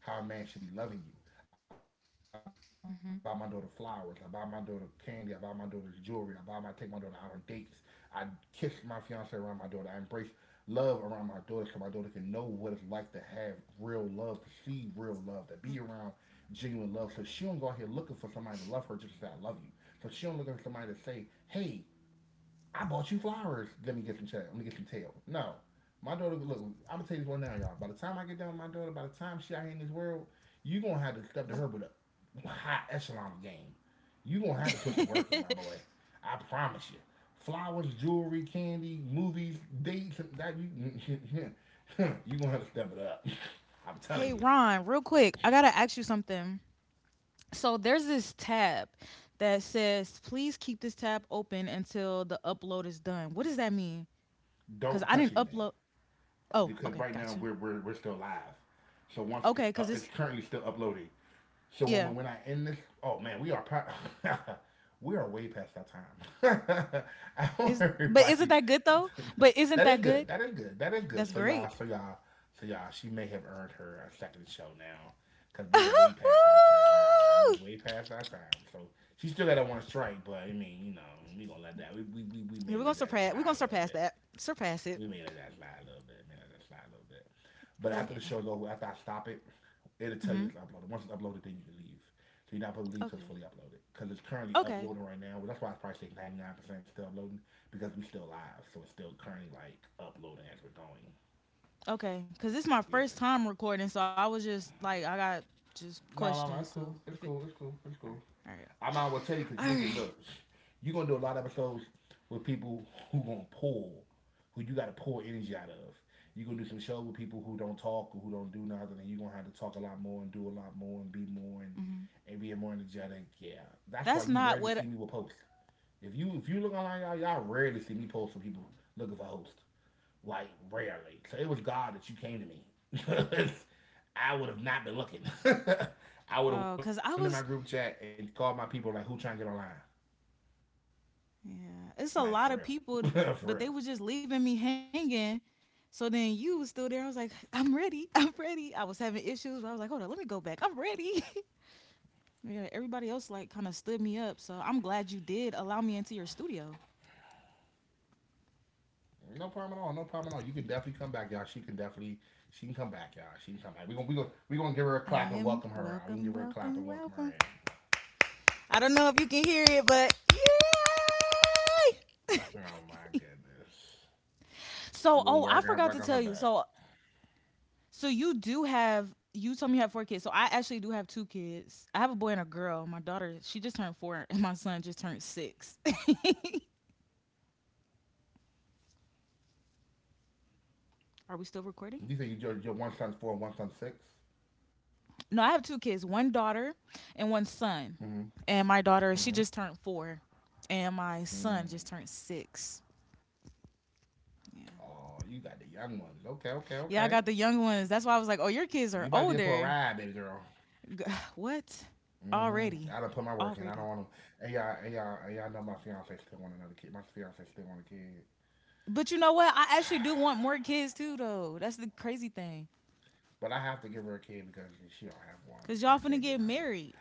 Speaker 1: how a man should be loving you. I buy my daughter flowers. I buy
Speaker 2: Hmm.
Speaker 1: my daughter candy. I buy my daughter jewelry. I buy my take my daughter out on dates. I kiss my fiance around my daughter. I embrace love around my daughter so my daughter can know what it's like to have real love, to see real love, to be around genuine love. So she don't go out here looking for somebody to love her just to say I love you. So she don't look at somebody to say, hey, I bought you flowers. Let me get some tail. Let me get some tail. No. My daughter, look, I'm gonna tell you this one now, y'all. By the time I get done with my daughter, by the time she out here in this world, you gonna have to step to her with a high echelon game. You gonna have to put some work in, my boy. I promise you. Flowers, jewelry, candy, movies, dates, and that you you gonna have to step it up. I'm telling
Speaker 2: Hey,
Speaker 1: you.
Speaker 2: Ron, real quick, I gotta ask you something. So there's this tab that says, please keep this tab open until the upload is done. What does that mean? Because
Speaker 1: Don't
Speaker 2: I
Speaker 1: touch
Speaker 2: didn't
Speaker 1: anything
Speaker 2: upload. Oh,
Speaker 1: because
Speaker 2: okay,
Speaker 1: right now
Speaker 2: gotcha.
Speaker 1: we're we're, we're still live. So once it's
Speaker 2: Okay,
Speaker 1: up,
Speaker 2: because
Speaker 1: it's
Speaker 2: it's,
Speaker 1: currently still uploading. So when
Speaker 2: yeah.
Speaker 1: when I end this, oh man, we are we are way past our time. I
Speaker 2: Is
Speaker 1: want
Speaker 2: but isn't that
Speaker 1: everybody.
Speaker 2: good though? But isn't that
Speaker 1: That is
Speaker 2: good?
Speaker 1: good. That is good. That is
Speaker 2: That's
Speaker 1: good. So y'all,
Speaker 2: great.
Speaker 1: so y'all, so y'all, she may have earned her a second show now, cause we are way past our time, y'all. We are way past our time. So she still got that one strike, but I mean, you know, we gonna let that. We we we, we
Speaker 2: Yeah,
Speaker 1: may
Speaker 2: we're
Speaker 1: let
Speaker 2: gonna
Speaker 1: that
Speaker 2: surpass. We're gonna
Speaker 1: slide a little
Speaker 2: surpass
Speaker 1: bit.
Speaker 2: that.
Speaker 1: We
Speaker 2: Surpass
Speaker 1: may
Speaker 2: it.
Speaker 1: let that slide a little bit. May let that slide a little bit. But after the show's
Speaker 2: Yeah.
Speaker 1: over, after I stop it, it'll tell you
Speaker 2: Mhm.
Speaker 1: it's uploaded. Once it's uploaded, then you can leave. So you're not supposed to leave till it's
Speaker 2: Okay.
Speaker 1: fully uploaded because it's currently
Speaker 2: Okay.
Speaker 1: uploading right now. Well, that's why it's probably say ninety-nine percent still uploading because we still live, so it's still currently like uploading as we're going.
Speaker 2: Okay, because this is my
Speaker 1: Yeah.
Speaker 2: first time recording, so I was just like, I got just
Speaker 1: No, no, no.
Speaker 2: questions.
Speaker 1: It's
Speaker 2: So
Speaker 1: cool. It's
Speaker 2: if it,
Speaker 1: cool. It's cool. It's
Speaker 2: all
Speaker 1: cool.
Speaker 2: right, all
Speaker 1: I might as well tell you because you're
Speaker 2: right, all
Speaker 1: gonna get
Speaker 2: right.
Speaker 1: looks. You're gonna do a lot of episodes with people who gonna pull, who you gotta pull energy out of. You're gonna do some shows with people who don't talk or who don't do nothing, and you're gonna have to talk a lot more and do a lot more and be more and,
Speaker 2: Mm-hmm.
Speaker 1: and be more energetic. Yeah, that's why you
Speaker 2: That's
Speaker 1: rarely
Speaker 2: not
Speaker 1: see me with
Speaker 2: what.
Speaker 1: posts. If you if you look online, y'all, y'all rarely see me post for people looking for hosts. Like rarely. So it was God that you came to me. I would have not been looking. I would have went to my
Speaker 2: Oh,
Speaker 1: group
Speaker 2: because I
Speaker 1: chat and
Speaker 2: was.
Speaker 1: called my people like, "Who trying to get online?"
Speaker 2: Yeah,
Speaker 1: Like for
Speaker 2: it's a lot of
Speaker 1: real,
Speaker 2: people,
Speaker 1: for
Speaker 2: but
Speaker 1: real.
Speaker 2: they were just leaving me hanging. So then you was still there. I was like, I'm ready. I'm ready. I was having issues. But I was like, hold on, let me go back. I'm ready. Yeah, everybody else like kind of stood me up. So I'm glad you did allow me into your studio.
Speaker 1: No problem at all. No problem at all. You can definitely come back, y'all. She can definitely, she can come back, y'all. She can come back. We going we gonna we gonna give her a clap
Speaker 2: I
Speaker 1: and
Speaker 2: am
Speaker 1: welcome her out. We gonna
Speaker 2: welcome,
Speaker 1: give her a clap
Speaker 2: welcome,
Speaker 1: and welcome her
Speaker 2: welcome.
Speaker 1: in.
Speaker 2: I don't know if you can hear it, but yay!
Speaker 1: Oh my goodness.
Speaker 2: So,
Speaker 1: We
Speaker 2: oh,
Speaker 1: gonna
Speaker 2: I
Speaker 1: work
Speaker 2: forgot to
Speaker 1: on
Speaker 2: tell
Speaker 1: work on
Speaker 2: you.
Speaker 1: her
Speaker 2: So,
Speaker 1: back. At
Speaker 2: so you do have. You told me you have four kids. So I actually do have two kids. I have a boy and a girl. My daughter, she
Speaker 1: least I
Speaker 2: just
Speaker 1: have
Speaker 2: turned
Speaker 1: what?
Speaker 2: four, and my son just turned six. Are
Speaker 1: You
Speaker 2: we
Speaker 1: say
Speaker 2: still
Speaker 1: you your,
Speaker 2: recording?
Speaker 1: your one son's four and one son's six.
Speaker 2: No, I have two kids. One daughter and one son.
Speaker 1: Mm-hmm.
Speaker 2: And my daughter, she just
Speaker 1: Mm-hmm.
Speaker 2: turned four, and my son just
Speaker 1: Mm.
Speaker 2: turned six.
Speaker 1: Oh,
Speaker 2: Yeah,
Speaker 1: you got the young ones. Okay, okay, okay.
Speaker 2: yeah. I got the young ones. That's why I was like, oh,
Speaker 1: But you
Speaker 2: your
Speaker 1: about to be in
Speaker 2: kids are
Speaker 1: for a ride, baby
Speaker 2: older.
Speaker 1: girl.
Speaker 2: G- What?
Speaker 1: hmm I
Speaker 2: Already,
Speaker 1: done put my work in. I don't
Speaker 2: already.
Speaker 1: want to. And y'all, and y'all, and y'all know my fiance still want another kid. My fiance still want a kid.
Speaker 2: But you know what? I actually do want more kids too, though. That's the crazy thing.
Speaker 1: But I have to give her a kid because she don't have
Speaker 2: Cause
Speaker 1: one,
Speaker 2: y'all
Speaker 1: so
Speaker 2: finna
Speaker 1: I
Speaker 2: get
Speaker 1: can't be
Speaker 2: married.
Speaker 1: like,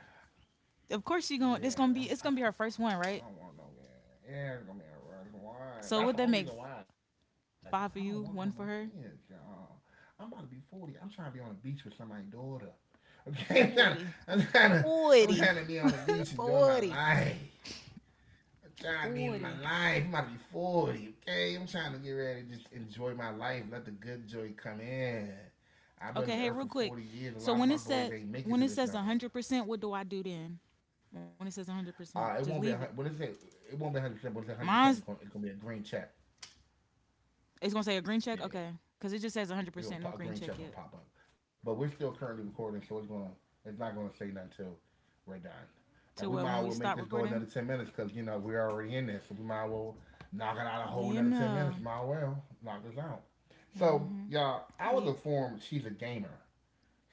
Speaker 2: Of course she gonna. This gonna be. It's
Speaker 1: yeah,
Speaker 2: gonna be
Speaker 1: I'm,
Speaker 2: her
Speaker 1: I
Speaker 2: first
Speaker 1: don't,
Speaker 2: one, right?
Speaker 1: I don't want no kid. Yeah, it's gonna be a rush
Speaker 2: So would that
Speaker 1: one.
Speaker 2: make
Speaker 1: That's the only reason why. 'Cause I don't
Speaker 2: five for
Speaker 1: want no
Speaker 2: you,
Speaker 1: more
Speaker 2: one for
Speaker 1: kids,
Speaker 2: her?
Speaker 1: y'all. I'm about to be forty. I'm trying to be on the beach with somebody's daughter. Okay,
Speaker 2: forty.
Speaker 1: I'm trying to, I'm trying to, I'm
Speaker 2: forty.
Speaker 1: trying to be on the beach enjoying my
Speaker 2: forty.
Speaker 1: life. I'm trying to end
Speaker 2: forty.
Speaker 1: my life. I'm about to be forty, okay? I'm trying to get ready to just enjoy my life. Let the good joy come in. I've
Speaker 2: Okay.
Speaker 1: been on
Speaker 2: Hey,
Speaker 1: this
Speaker 2: real
Speaker 1: earth for
Speaker 2: quick.
Speaker 1: forty years. A
Speaker 2: So
Speaker 1: lot
Speaker 2: when
Speaker 1: of
Speaker 2: it
Speaker 1: my
Speaker 2: says
Speaker 1: boys ain't make it
Speaker 2: when
Speaker 1: to
Speaker 2: it
Speaker 1: this
Speaker 2: says one
Speaker 1: number.
Speaker 2: hundred percent, what do I do then? When it says one hundred percent, just leave
Speaker 1: Uh,
Speaker 2: it.
Speaker 1: it won't be a hun- when it's a, It won't be one hundred percent, but it's
Speaker 2: Mine's
Speaker 1: one hundred percent. It's going it's gonna be a green check.
Speaker 2: it's gonna say a green check. Okay.
Speaker 1: Yeah.
Speaker 2: Cause it just says one hundred
Speaker 1: It's
Speaker 2: percent,
Speaker 1: gonna
Speaker 2: no
Speaker 1: pop, a
Speaker 2: green
Speaker 1: green
Speaker 2: check
Speaker 1: check
Speaker 2: yet.
Speaker 1: gonna pop up. But we're still currently recording, so it's gonna it's not gonna say nothing till we're done. And
Speaker 2: To
Speaker 1: we
Speaker 2: uh, when
Speaker 1: might
Speaker 2: we
Speaker 1: as well
Speaker 2: stop
Speaker 1: make this go
Speaker 2: recording.
Speaker 1: another ten minutes because, you know, we're already in this. So we might as well knock it out a
Speaker 2: We
Speaker 1: whole another ten
Speaker 2: know.
Speaker 1: minutes. Might as well knock this out.
Speaker 2: Hmm.
Speaker 1: So, y'all,
Speaker 2: Wait,
Speaker 1: I was informed she's a gamer.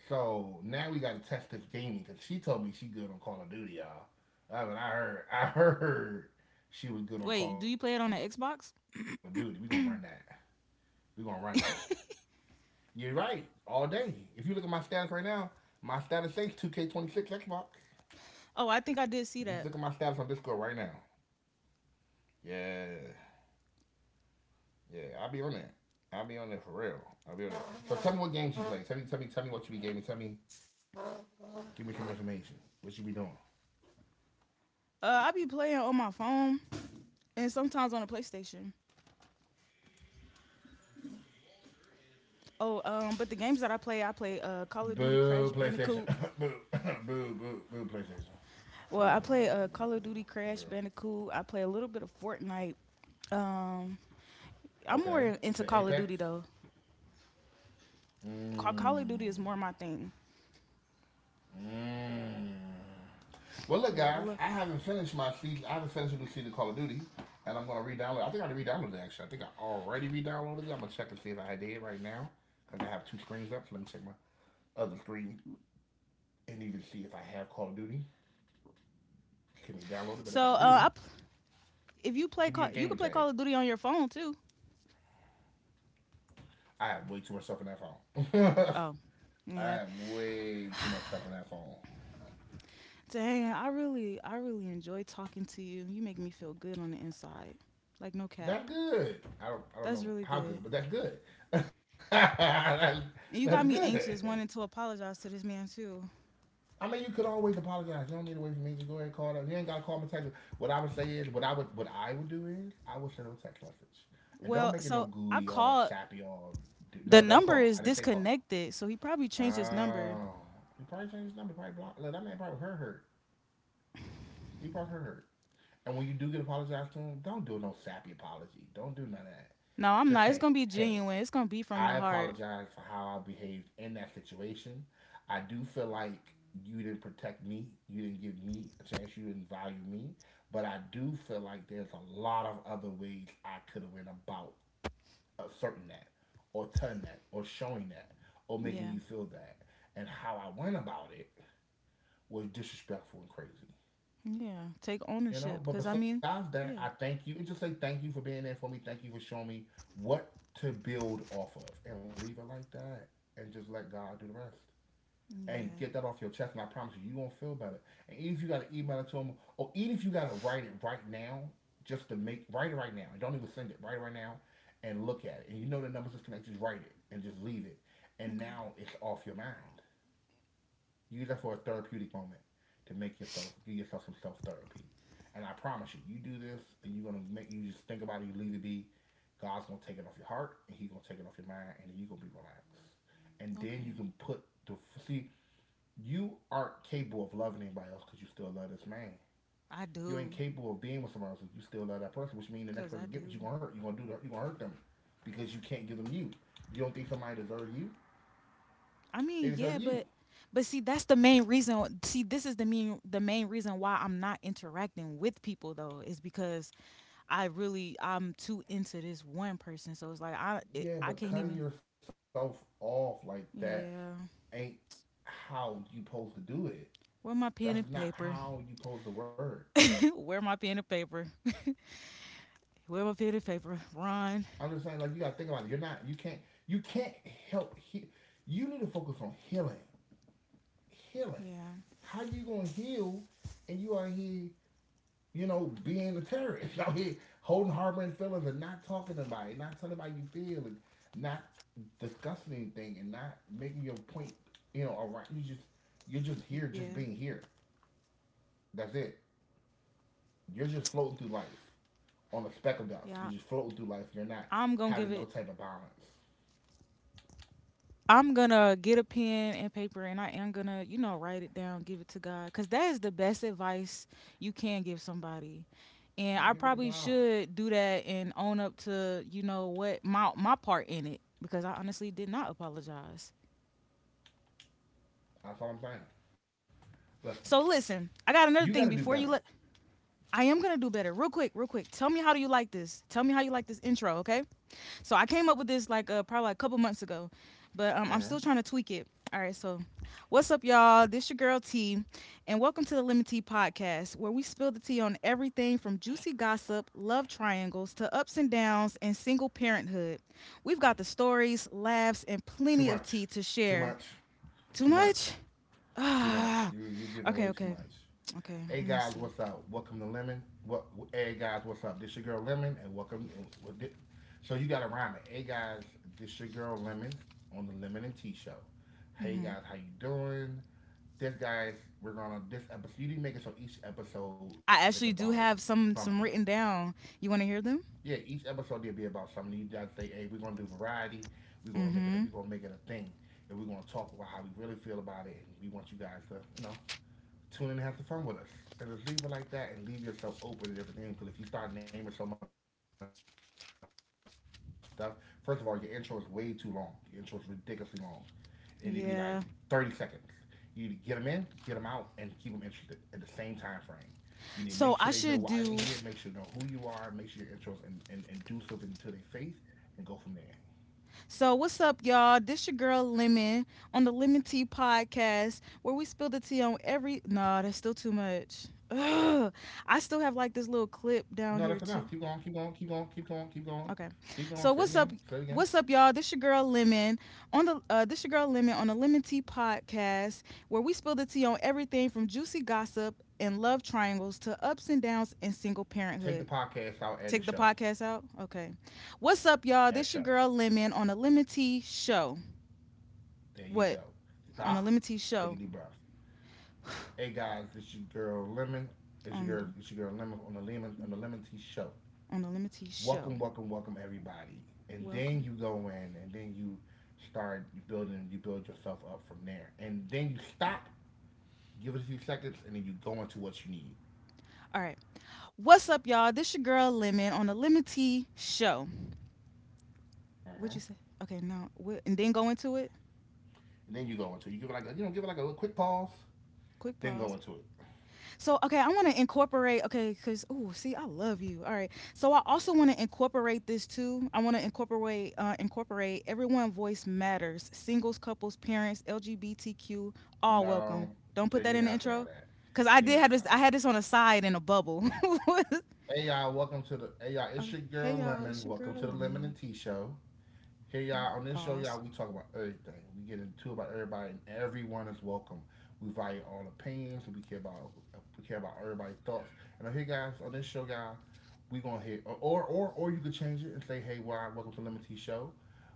Speaker 1: So now we got to test this gaming because she told me she good on Call of Duty, y'all. I mean, I heard, I heard she was good
Speaker 2: wait.
Speaker 1: on
Speaker 2: Do you
Speaker 1: Call
Speaker 2: play
Speaker 1: of
Speaker 2: it on the
Speaker 1: Duty. We going to run
Speaker 2: Xbox?
Speaker 1: that. We going to run that. You're right. All day. If you look at my status right now, my status says two K twenty-six Xbox.
Speaker 2: Oh, I
Speaker 1: If you
Speaker 2: think I
Speaker 1: look at
Speaker 2: did
Speaker 1: my
Speaker 2: see
Speaker 1: status on
Speaker 2: that.
Speaker 1: Discord right now, yeah, yeah. I'll be on that. I'll be on that for real. I'll be on it. So tell me what games you play. Tell me, tell me, tell me what you be gaming. Tell me, give me some information. What you be doing?
Speaker 2: Uh, I be playing on my phone and sometimes on the PlayStation. Oh, um, but the games that I play, I play uh, Call of Duty Crash
Speaker 1: Boo,
Speaker 2: Bandicoot.
Speaker 1: PlayStation. Boo, boo, boo, boo, PlayStation.
Speaker 2: Well,
Speaker 1: Boo,
Speaker 2: I
Speaker 1: boo,
Speaker 2: play uh,
Speaker 1: boo,
Speaker 2: Call of Duty
Speaker 1: boo, boo.
Speaker 2: Crash Bandicoot. I play a little bit of Fortnite. Um, I'm more in-
Speaker 1: Okay.
Speaker 2: into
Speaker 1: You play
Speaker 2: Call of Duty
Speaker 1: Apex.
Speaker 2: though. Ca- Call of Duty is
Speaker 1: Mmm.
Speaker 2: more my thing.
Speaker 1: Mmm. Well, look,
Speaker 2: Yeah, I
Speaker 1: guys,
Speaker 2: love.
Speaker 1: I haven't finished my season. I haven't finished the new season of Call of Duty, and I'm gonna re-download. I think I re-downloaded it actually. I think I already re-downloaded it. I'm gonna check and see if I did right now, cause I have two screens up. So let me check my other screen and even see if I have Call of Duty. Can be downloaded, but
Speaker 2: So,
Speaker 1: if I
Speaker 2: uh,
Speaker 1: do,
Speaker 2: I p- if you play,
Speaker 1: give me your
Speaker 2: Call- you
Speaker 1: gamer
Speaker 2: can play
Speaker 1: tag.
Speaker 2: Call of Duty on your phone too.
Speaker 1: I have way too much stuff in that phone.
Speaker 2: Oh,
Speaker 1: I
Speaker 2: yeah.
Speaker 1: have way too much stuff in that phone.
Speaker 2: Dang, I really, I really enjoy talking to you. You make me feel good on the inside. Like, no
Speaker 1: That's
Speaker 2: cap.
Speaker 1: good. I don't I don't
Speaker 2: That's
Speaker 1: know
Speaker 2: really
Speaker 1: how
Speaker 2: good.
Speaker 1: good, but that's good. that's,
Speaker 2: And you got me
Speaker 1: that's
Speaker 2: anxious, wanting to
Speaker 1: good.
Speaker 2: apologize to this man, too.
Speaker 1: I mean, you could always apologize. You don't need to wait for me. Just go ahead and call them. You ain't got to call them and text them. What I would say is, what I would, what I would do is, I would send them a text message, and don't
Speaker 2: Well,
Speaker 1: make it no
Speaker 2: so I
Speaker 1: gooey, all
Speaker 2: called.
Speaker 1: sappy, all. du-
Speaker 2: The
Speaker 1: No, don't
Speaker 2: number
Speaker 1: call.
Speaker 2: is
Speaker 1: I didn't say call.
Speaker 2: disconnected, so he probably changed his number.
Speaker 1: Oh, you probably changed his number. Probably blocked. Look, that man probably her hurt. He probably her hurt. And when you do get apologized to him, don't do no sappy apology. Don't do none of that.
Speaker 2: No, I'm
Speaker 1: Just
Speaker 2: not. It's
Speaker 1: hey,
Speaker 2: going to be
Speaker 1: hey,
Speaker 2: genuine. It's going to be from
Speaker 1: I
Speaker 2: the heart.
Speaker 1: apologize for how I behaved in that situation. I do feel like you didn't protect me. You didn't give me a chance. You didn't value me. But I do feel like there's a lot of other ways I could have went about uh, asserting that, or telling that, or showing that, or making
Speaker 2: Yeah.
Speaker 1: you feel that. And how I went about it was disrespectful and crazy.
Speaker 2: Yeah. Take
Speaker 1: You know,
Speaker 2: ownership.
Speaker 1: but
Speaker 2: Because, I
Speaker 1: besides
Speaker 2: mean,
Speaker 1: that, I
Speaker 2: yeah.
Speaker 1: thank you and just say thank you for being there for me. Thank you for showing me what to build off of and leave it like that and just let God do the rest. And
Speaker 2: Yeah.
Speaker 1: get that off your chest, and I promise you, you're gonna feel better. And even if you gotta email it to him, or even if you gotta write it right now, just to make write it right now. And don't even send it. Write it right now and look at it. And you know the numbers is connected, just write it and just leave it. And
Speaker 2: Okay.
Speaker 1: now it's off your mind. Use that for a therapeutic moment to make yourself give yourself some self therapy. And I promise you, you do this and you're gonna make you just think about it, you leave it be. God's gonna take it off your heart and He's gonna take it off your mind and then you're gonna be relaxed. And then you
Speaker 2: Okay.
Speaker 1: can put the see, you aren't capable of loving anybody else because you still love this man.
Speaker 2: I
Speaker 1: You ain't
Speaker 2: do.
Speaker 1: capable of being with someone else if you still love that person, which means the next
Speaker 2: Because I
Speaker 1: person you get what
Speaker 2: do.
Speaker 1: you gonna hurt. You're gonna do the, you gonna hurt them because you can't give them you. You don't think somebody deserves you?
Speaker 2: I
Speaker 1: They
Speaker 2: mean,
Speaker 1: deserve
Speaker 2: yeah,
Speaker 1: you.
Speaker 2: but but see, that's the main reason. See, this is the main the main reason why I'm not interacting with people though is because I really I'm too into this one person. So it's like I it,
Speaker 1: Yeah,
Speaker 2: I
Speaker 1: but
Speaker 2: can't
Speaker 1: cutting
Speaker 2: even.
Speaker 1: yourself off like that
Speaker 2: Yeah.
Speaker 1: ain't how you supposed to do it.
Speaker 2: Where my
Speaker 1: That's
Speaker 2: pen and
Speaker 1: not
Speaker 2: paper?
Speaker 1: how you supposed to work.
Speaker 2: Where my pen and paper? Where my pen and paper? Run.
Speaker 1: I'm just saying, like you gotta think about it. You're not, you can't, you can't help. He- you need to focus on healing, healing.
Speaker 2: Yeah.
Speaker 1: How you gonna heal? And you are here, you know, being a terrorist. Y'all here holding harboring feelings and not talking about it, not telling about you feel, and not discussing anything, and not making your point. You know, around you just you're just here,
Speaker 2: Yeah.
Speaker 1: just being here. That's it. You're just floating through life
Speaker 2: Yeah.
Speaker 1: on a speck of dust. You're just floating through
Speaker 2: I'm
Speaker 1: life.
Speaker 2: gonna
Speaker 1: You're
Speaker 2: give
Speaker 1: not
Speaker 2: it.
Speaker 1: having no type of balance.
Speaker 2: I'm gonna get a pen and paper, and I am gonna, you know, write it down, give it to God, cause that is the best advice you can give somebody and I
Speaker 1: Give it
Speaker 2: probably
Speaker 1: to God.
Speaker 2: should do that and own up to you know what my my part in it because I honestly did not apologize.
Speaker 1: That's all I'm saying. Listen,
Speaker 2: So listen, I
Speaker 1: you
Speaker 2: got
Speaker 1: got to
Speaker 2: another
Speaker 1: do
Speaker 2: thing
Speaker 1: better.
Speaker 2: before you let. I am gonna do better. Real quick, real quick. Tell me how do you like this? Tell me how you like this intro, okay? So I came up with this like uh, probably like a couple months ago, but um, I'm
Speaker 1: Mm-hmm.
Speaker 2: still trying to tweak it. All right, so what's up, y'all? This your girl T, and welcome to the Lemon Tea Podcast, where we spill the tea on everything from juicy gossip, love triangles, to ups and downs, and single parenthood. We've got the stories, laughs, and
Speaker 1: Too
Speaker 2: plenty of tea
Speaker 1: much.
Speaker 2: to
Speaker 1: Too
Speaker 2: share.
Speaker 1: much. Too
Speaker 2: Too
Speaker 1: much.
Speaker 2: much?
Speaker 1: Too much.
Speaker 2: Ah,
Speaker 1: You you giving
Speaker 2: okay,
Speaker 1: way too
Speaker 2: okay,
Speaker 1: much.
Speaker 2: okay.
Speaker 1: Hey
Speaker 2: Let me
Speaker 1: guys,
Speaker 2: see.
Speaker 1: what's up? Welcome to Lemon. What? Hey guys, what's up? This your girl Lemon, and welcome. So you gotta rhyme it. Hey guys, this your girl Lemon on the Lemon and Tea Show. Hey
Speaker 2: hmm
Speaker 1: guys, how you doing? This guys, we're gonna this episode. You need to make it so each episode
Speaker 2: I
Speaker 1: is
Speaker 2: actually
Speaker 1: about
Speaker 2: do have some
Speaker 1: something.
Speaker 2: some written down. You want to hear them?
Speaker 1: Yeah, each episode will be about something. You guys say, hey, we're gonna do variety. We're gonna make it.
Speaker 2: Mm-hmm.
Speaker 1: We're gonna make it a thing, and we're gonna talk about how we really feel about it. And we want you guys to, you know, tune in and have some fun with us. And just leave it like that and leave yourself open to different things. Because if you start naming so much stuff, first of all, your intro is way too long. Your intro is ridiculously long. It need to be like thirty seconds. You need to get them in, get
Speaker 2: Yeah.
Speaker 1: them out, and keep them interested at the same time frame. You need to make sure they know why they're here, make sure they know who you
Speaker 2: So
Speaker 1: are,
Speaker 2: I
Speaker 1: make sure
Speaker 2: should
Speaker 1: your intros
Speaker 2: do.
Speaker 1: and, and, and do something to their face and go from there.
Speaker 2: So what's up, y'all? This your girl Lemon on the Lemon Tea Podcast, where we spill the tea on every. Nah, that's still too much. Ugh. I still have like this
Speaker 1: No,
Speaker 2: little
Speaker 1: that's enough.
Speaker 2: clip
Speaker 1: Keep going,
Speaker 2: down
Speaker 1: keep
Speaker 2: here
Speaker 1: going, keep
Speaker 2: too.
Speaker 1: going, keep going, keep going, keep going.
Speaker 2: Okay.
Speaker 1: Say it again,
Speaker 2: So
Speaker 1: say it
Speaker 2: what's
Speaker 1: again.
Speaker 2: up? What's up, y'all? This your girl Lemon on the. Uh, this your girl Lemon on the Lemon Tea Podcast, where we spill the tea on everything from juicy gossip and love triangles to ups and downs in single
Speaker 1: Take the
Speaker 2: parenthood.
Speaker 1: podcast out, add the
Speaker 2: Take
Speaker 1: show,
Speaker 2: the podcast out? Okay. What's up, y'all?
Speaker 1: add
Speaker 2: This
Speaker 1: show.
Speaker 2: your girl Lemon on the Lemon Tea Show.
Speaker 1: There you go.
Speaker 2: What? On the
Speaker 1: Stop.
Speaker 2: Lemon Tea
Speaker 1: Take a
Speaker 2: Show.
Speaker 1: deep breath. Hey guys, this your girl Lemon. It's your
Speaker 2: On
Speaker 1: girl.
Speaker 2: the
Speaker 1: It's your girl Lemon on the Lemon on the Lemon Tea Show.
Speaker 2: on the Lemon Tea Show.
Speaker 1: Welcome, welcome, welcome everybody. And then
Speaker 2: Welcome.
Speaker 1: you go in, and then you start building. You build yourself up from there, and then you stop. Give it a few seconds, and then you go into what you need.
Speaker 2: All right. What's up, y'all? This your girl Lemon on the Lemon Tea Show. What'd
Speaker 1: Uh-huh.
Speaker 2: you say? Okay, now what and then go into it.
Speaker 1: And then you go into it. You give it like a, you know, give it like a little quick pause,
Speaker 2: Quick
Speaker 1: then go
Speaker 2: pause.
Speaker 1: into it.
Speaker 2: So okay, I want to incorporate okay because oh see I love you all right. So I also want to incorporate this too. I want to incorporate uh, incorporate everyone voice matters. Singles, couples, parents, L G B T Q, all
Speaker 1: No,
Speaker 2: welcome. Don't
Speaker 1: you
Speaker 2: put that
Speaker 1: ain't
Speaker 2: in the
Speaker 1: gotta say all
Speaker 2: intro
Speaker 1: that.
Speaker 2: because I
Speaker 1: You ain't
Speaker 2: did
Speaker 1: gotta
Speaker 2: have
Speaker 1: say
Speaker 2: this.
Speaker 1: all
Speaker 2: I
Speaker 1: that.
Speaker 2: had this on the side in a bubble. Okay.
Speaker 1: Hey y'all, welcome to the Hey y'all, it's your
Speaker 2: Hey
Speaker 1: girl
Speaker 2: y'all, it's
Speaker 1: Lemon.
Speaker 2: your girl
Speaker 1: Welcome to the
Speaker 2: Lemon.
Speaker 1: Lemon and Tea Show. Hey
Speaker 2: Huh?
Speaker 1: y'all, on this show,
Speaker 2: Pause.
Speaker 1: y'all, we talk about everything. We get into it about everybody, and everyone is welcome. We value all opinions. We care about we care about everybody's thoughts. And on here, guys, on this show, guys, we gonna hit or or or you could change it and say, hey, well, welcome to Lemon Tea Show.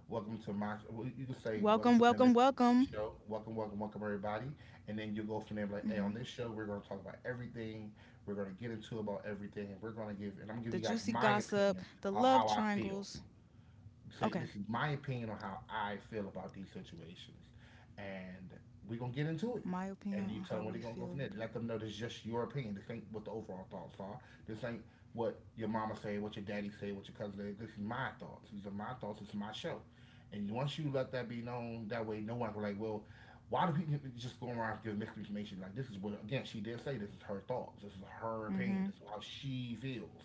Speaker 1: Welcome to my. Well, You can
Speaker 2: Welcome,
Speaker 1: say
Speaker 2: welcome,
Speaker 1: welcome to Lemon
Speaker 2: welcome.
Speaker 1: Tea Show. Welcome, welcome, welcome everybody. And then you go from there
Speaker 2: hmm
Speaker 1: like, hey, on this show, we're gonna talk about everything. We're gonna get into about everything. We're gonna give and
Speaker 2: The
Speaker 1: I'm gonna give you
Speaker 2: juicy
Speaker 1: guys my
Speaker 2: gossip, the
Speaker 1: opinion
Speaker 2: love
Speaker 1: of how I
Speaker 2: triangles.
Speaker 1: feel,
Speaker 2: Okay,
Speaker 1: say this is my opinion on how I feel about these situations, and we're gonna get into
Speaker 2: my
Speaker 1: it.
Speaker 2: opinion on
Speaker 1: And
Speaker 2: how
Speaker 1: you
Speaker 2: we
Speaker 1: tell them where they're
Speaker 2: feel
Speaker 1: gonna go
Speaker 2: about.
Speaker 1: from there. Let them know this is just your opinion. This ain't what the overall thoughts are. This ain't what your mama say, what your daddy say, what your cousin say. This is my thoughts. These are my thoughts. This is my show. And once you let that be known, that way no one can be like, well, why do people just go around giving misinformation? Like this is what again she did say. This is her thoughts. This is her
Speaker 2: Mm hmm.
Speaker 1: opinion. This is how she feels.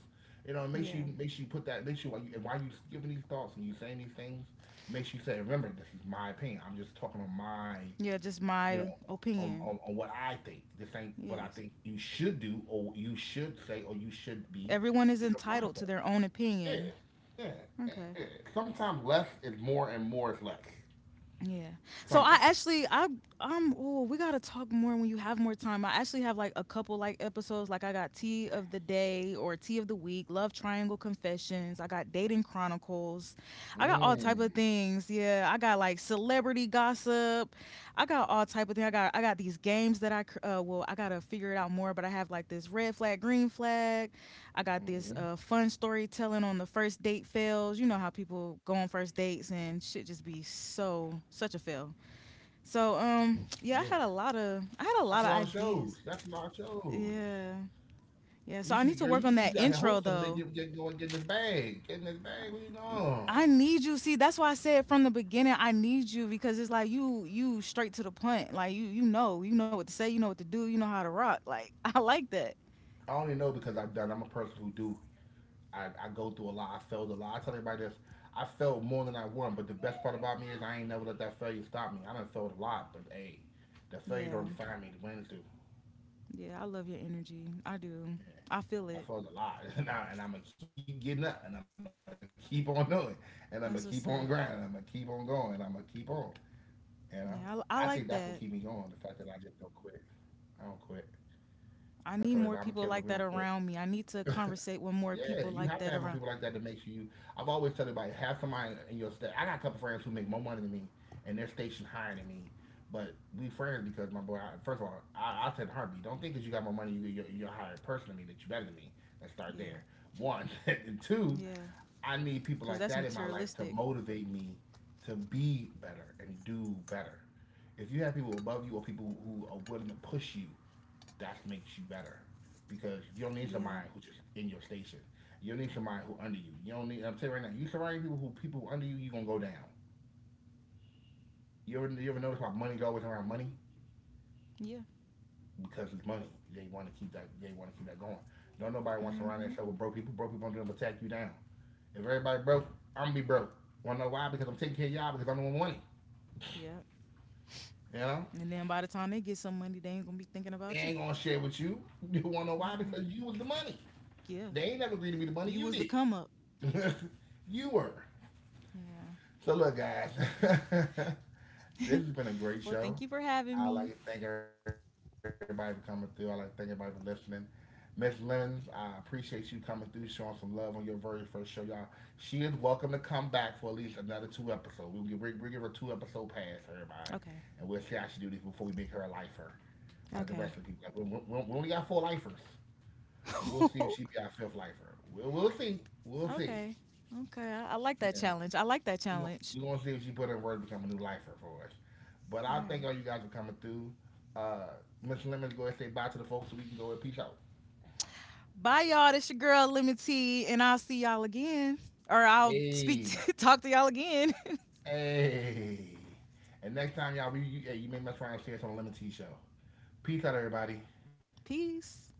Speaker 1: You know, it makes you
Speaker 2: Yeah.
Speaker 1: makes you put that makes you while you while you giving these thoughts and you saying these things makes you say, remember, this is my opinion. I'm just talking on my
Speaker 2: Yeah, just
Speaker 1: you know
Speaker 2: my
Speaker 1: on,
Speaker 2: opinion.
Speaker 1: on, on what I think. This ain't what I
Speaker 2: Yes.
Speaker 1: think you should do or what you should say or you should be.
Speaker 2: Everyone is
Speaker 1: These are my
Speaker 2: entitled to
Speaker 1: thoughts.
Speaker 2: their own
Speaker 1: Yeah,
Speaker 2: opinion.
Speaker 1: yeah, yeah.
Speaker 2: Okay.
Speaker 1: yeah. Sometimes less is more and more is less.
Speaker 2: Yeah. So I
Speaker 1: Sometimes.
Speaker 2: actually I I'm oh, we got to talk more when you have more time. I actually have like a couple like episodes like I got tea of the day or tea of the week, love triangle confessions, I got dating chronicles. I got all type
Speaker 1: Mm,
Speaker 2: of things. Yeah, I got like celebrity gossip. I got all type of thing. I got I got these games that I cr- uh well, I got to figure it out more, but I have like this red flag, green flag. I got this
Speaker 1: hmm.
Speaker 2: uh, fun storytelling on the first date fails. You know how people go on first dates and shit just be so such a fail. So
Speaker 1: Yeah.
Speaker 2: um yeah, I had a lot of
Speaker 1: That's a
Speaker 2: I
Speaker 1: lot of
Speaker 2: had a lot of
Speaker 1: shows. That's a
Speaker 2: ideas.
Speaker 1: lot of shows.
Speaker 2: Yeah.
Speaker 1: You should
Speaker 2: Yeah,
Speaker 1: be
Speaker 2: so I
Speaker 1: girl.
Speaker 2: need
Speaker 1: You,
Speaker 2: to
Speaker 1: you
Speaker 2: work
Speaker 1: should
Speaker 2: on
Speaker 1: be out here
Speaker 2: that
Speaker 1: hosting.
Speaker 2: intro
Speaker 1: They get
Speaker 2: though.
Speaker 1: get going, getting this bag, getting this bag. What you know?
Speaker 2: I need you. See, that's why I said from the beginning, I need you because it's like you you straight to the point. Like you you know, you know what to say, you know what to do, you know how to rock. Like I like that.
Speaker 1: I only know because I've done. I'm a person who do. I, I go through a lot. I failed a lot. I tell everybody this. I failed more than I won. But the best part about me is I ain't never let that failure stop me. I done failed a lot, but hey, the failure don't
Speaker 2: Yeah.
Speaker 1: define me. The wins do.
Speaker 2: Yeah, I love your energy. I do. I feel
Speaker 1: Yeah. I
Speaker 2: it.
Speaker 1: failed a lot, and, I, and I'm gonna keep getting up, and I'm gonna keep on doing, and I'm gonna keep on grinding, and
Speaker 2: That's
Speaker 1: I'm gonna
Speaker 2: what's
Speaker 1: keep
Speaker 2: up.
Speaker 1: on going, and I'm gonna keep on. You know, I think that's
Speaker 2: Yeah,
Speaker 1: what
Speaker 2: I, I
Speaker 1: keep me
Speaker 2: like
Speaker 1: going.
Speaker 2: that.
Speaker 1: The fact that I just don't quit. I don't quit. I tell everybody
Speaker 2: I
Speaker 1: I'm a
Speaker 2: need more
Speaker 1: Kimberly. We don't
Speaker 2: people like
Speaker 1: quit.
Speaker 2: that around me. I need to conversate with
Speaker 1: Yeah,
Speaker 2: more
Speaker 1: you
Speaker 2: people
Speaker 1: have to have
Speaker 2: like
Speaker 1: more
Speaker 2: that
Speaker 1: people like
Speaker 2: around.
Speaker 1: that to make sure you. I've always tell everybody have somebody in your state. I got a couple friends who make more money than me, and they're stationed higher than me. But we friends because my boy. I, first of all, I, I tell in a heartbeat. Don't think that you got more money, you, you're, you're a higher person than me. That you're better than me. Let's start
Speaker 2: Yeah,
Speaker 1: there. One and two.
Speaker 2: yeah,
Speaker 1: I need people
Speaker 2: cause
Speaker 1: like
Speaker 2: that's
Speaker 1: that in my life to
Speaker 2: materialistic.
Speaker 1: motivate me to be better and do better. If you have people above you or people who are willing to push you, that makes you better because you don't need
Speaker 2: Yeah,
Speaker 1: somebody who's just in your station. You don't need somebody who under you. You don't need. I'm telling you right now, you surround people who people under you, you gonna go down. You ever you ever notice how money's always around money
Speaker 2: yeah,
Speaker 1: because it's money. They want to keep that. They want to keep that going. Don't nobody want to surround
Speaker 2: mm-hmm.
Speaker 1: themselves with broke people. Broke people are gonna attack you down. If everybody broke, I'm gonna be broke. Wanna know why? Because I'm taking care of y'all because I'm the one with money.
Speaker 2: Yeah.
Speaker 1: You know
Speaker 2: And then by the time they get some money, they ain't gonna be thinking about
Speaker 1: they
Speaker 2: you.
Speaker 1: ain't gonna share with you. You wanna know why?
Speaker 2: Mm-mm.
Speaker 1: Because you was the money.
Speaker 2: Yeah,
Speaker 1: They ain't never agreed to be the money
Speaker 2: you
Speaker 1: you
Speaker 2: was the come up.
Speaker 1: did. you were.
Speaker 2: Yeah.
Speaker 1: So look, guys, this has been a great
Speaker 2: Well, thank
Speaker 1: show.
Speaker 2: you for having
Speaker 1: I like
Speaker 2: me.
Speaker 1: to thank everybody for coming through. I like to thank everybody for listening. Miss Lemons, I appreciate you coming through, showing some love on your very first show, y'all. She is welcome to come back for at least another two episodes. We'll give, we will give her two episode pass, everybody, and
Speaker 2: Okay.
Speaker 1: we'll see how she do this before we make her a lifer, like the rest of the
Speaker 2: Okay.
Speaker 1: people. Like, we, we, we only got four lifers, so we'll see if she be our fifth lifer. We'll, we'll see. We'll see.
Speaker 2: Okay. Okay. I, I like that
Speaker 1: Yeah,
Speaker 2: challenge. I like that
Speaker 1: You gon-
Speaker 2: challenge.
Speaker 1: you gonna see if she put in word to become a new lifer for us. But
Speaker 2: All
Speaker 1: I thank
Speaker 2: right.
Speaker 1: all you guys for coming through. Uh, Miss Lemons, go ahead and say bye to the folks so we can go and peace out.
Speaker 2: Bye, y'all. This your girl Lemon T, and I'll see y'all again, or I'll speak,
Speaker 1: Hey,
Speaker 2: to, talk to y'all again.
Speaker 1: hey. And next time, y'all, we, you, hey, you may mess around and see us on the Lemon Tea Show. Peace out, everybody.
Speaker 2: Peace.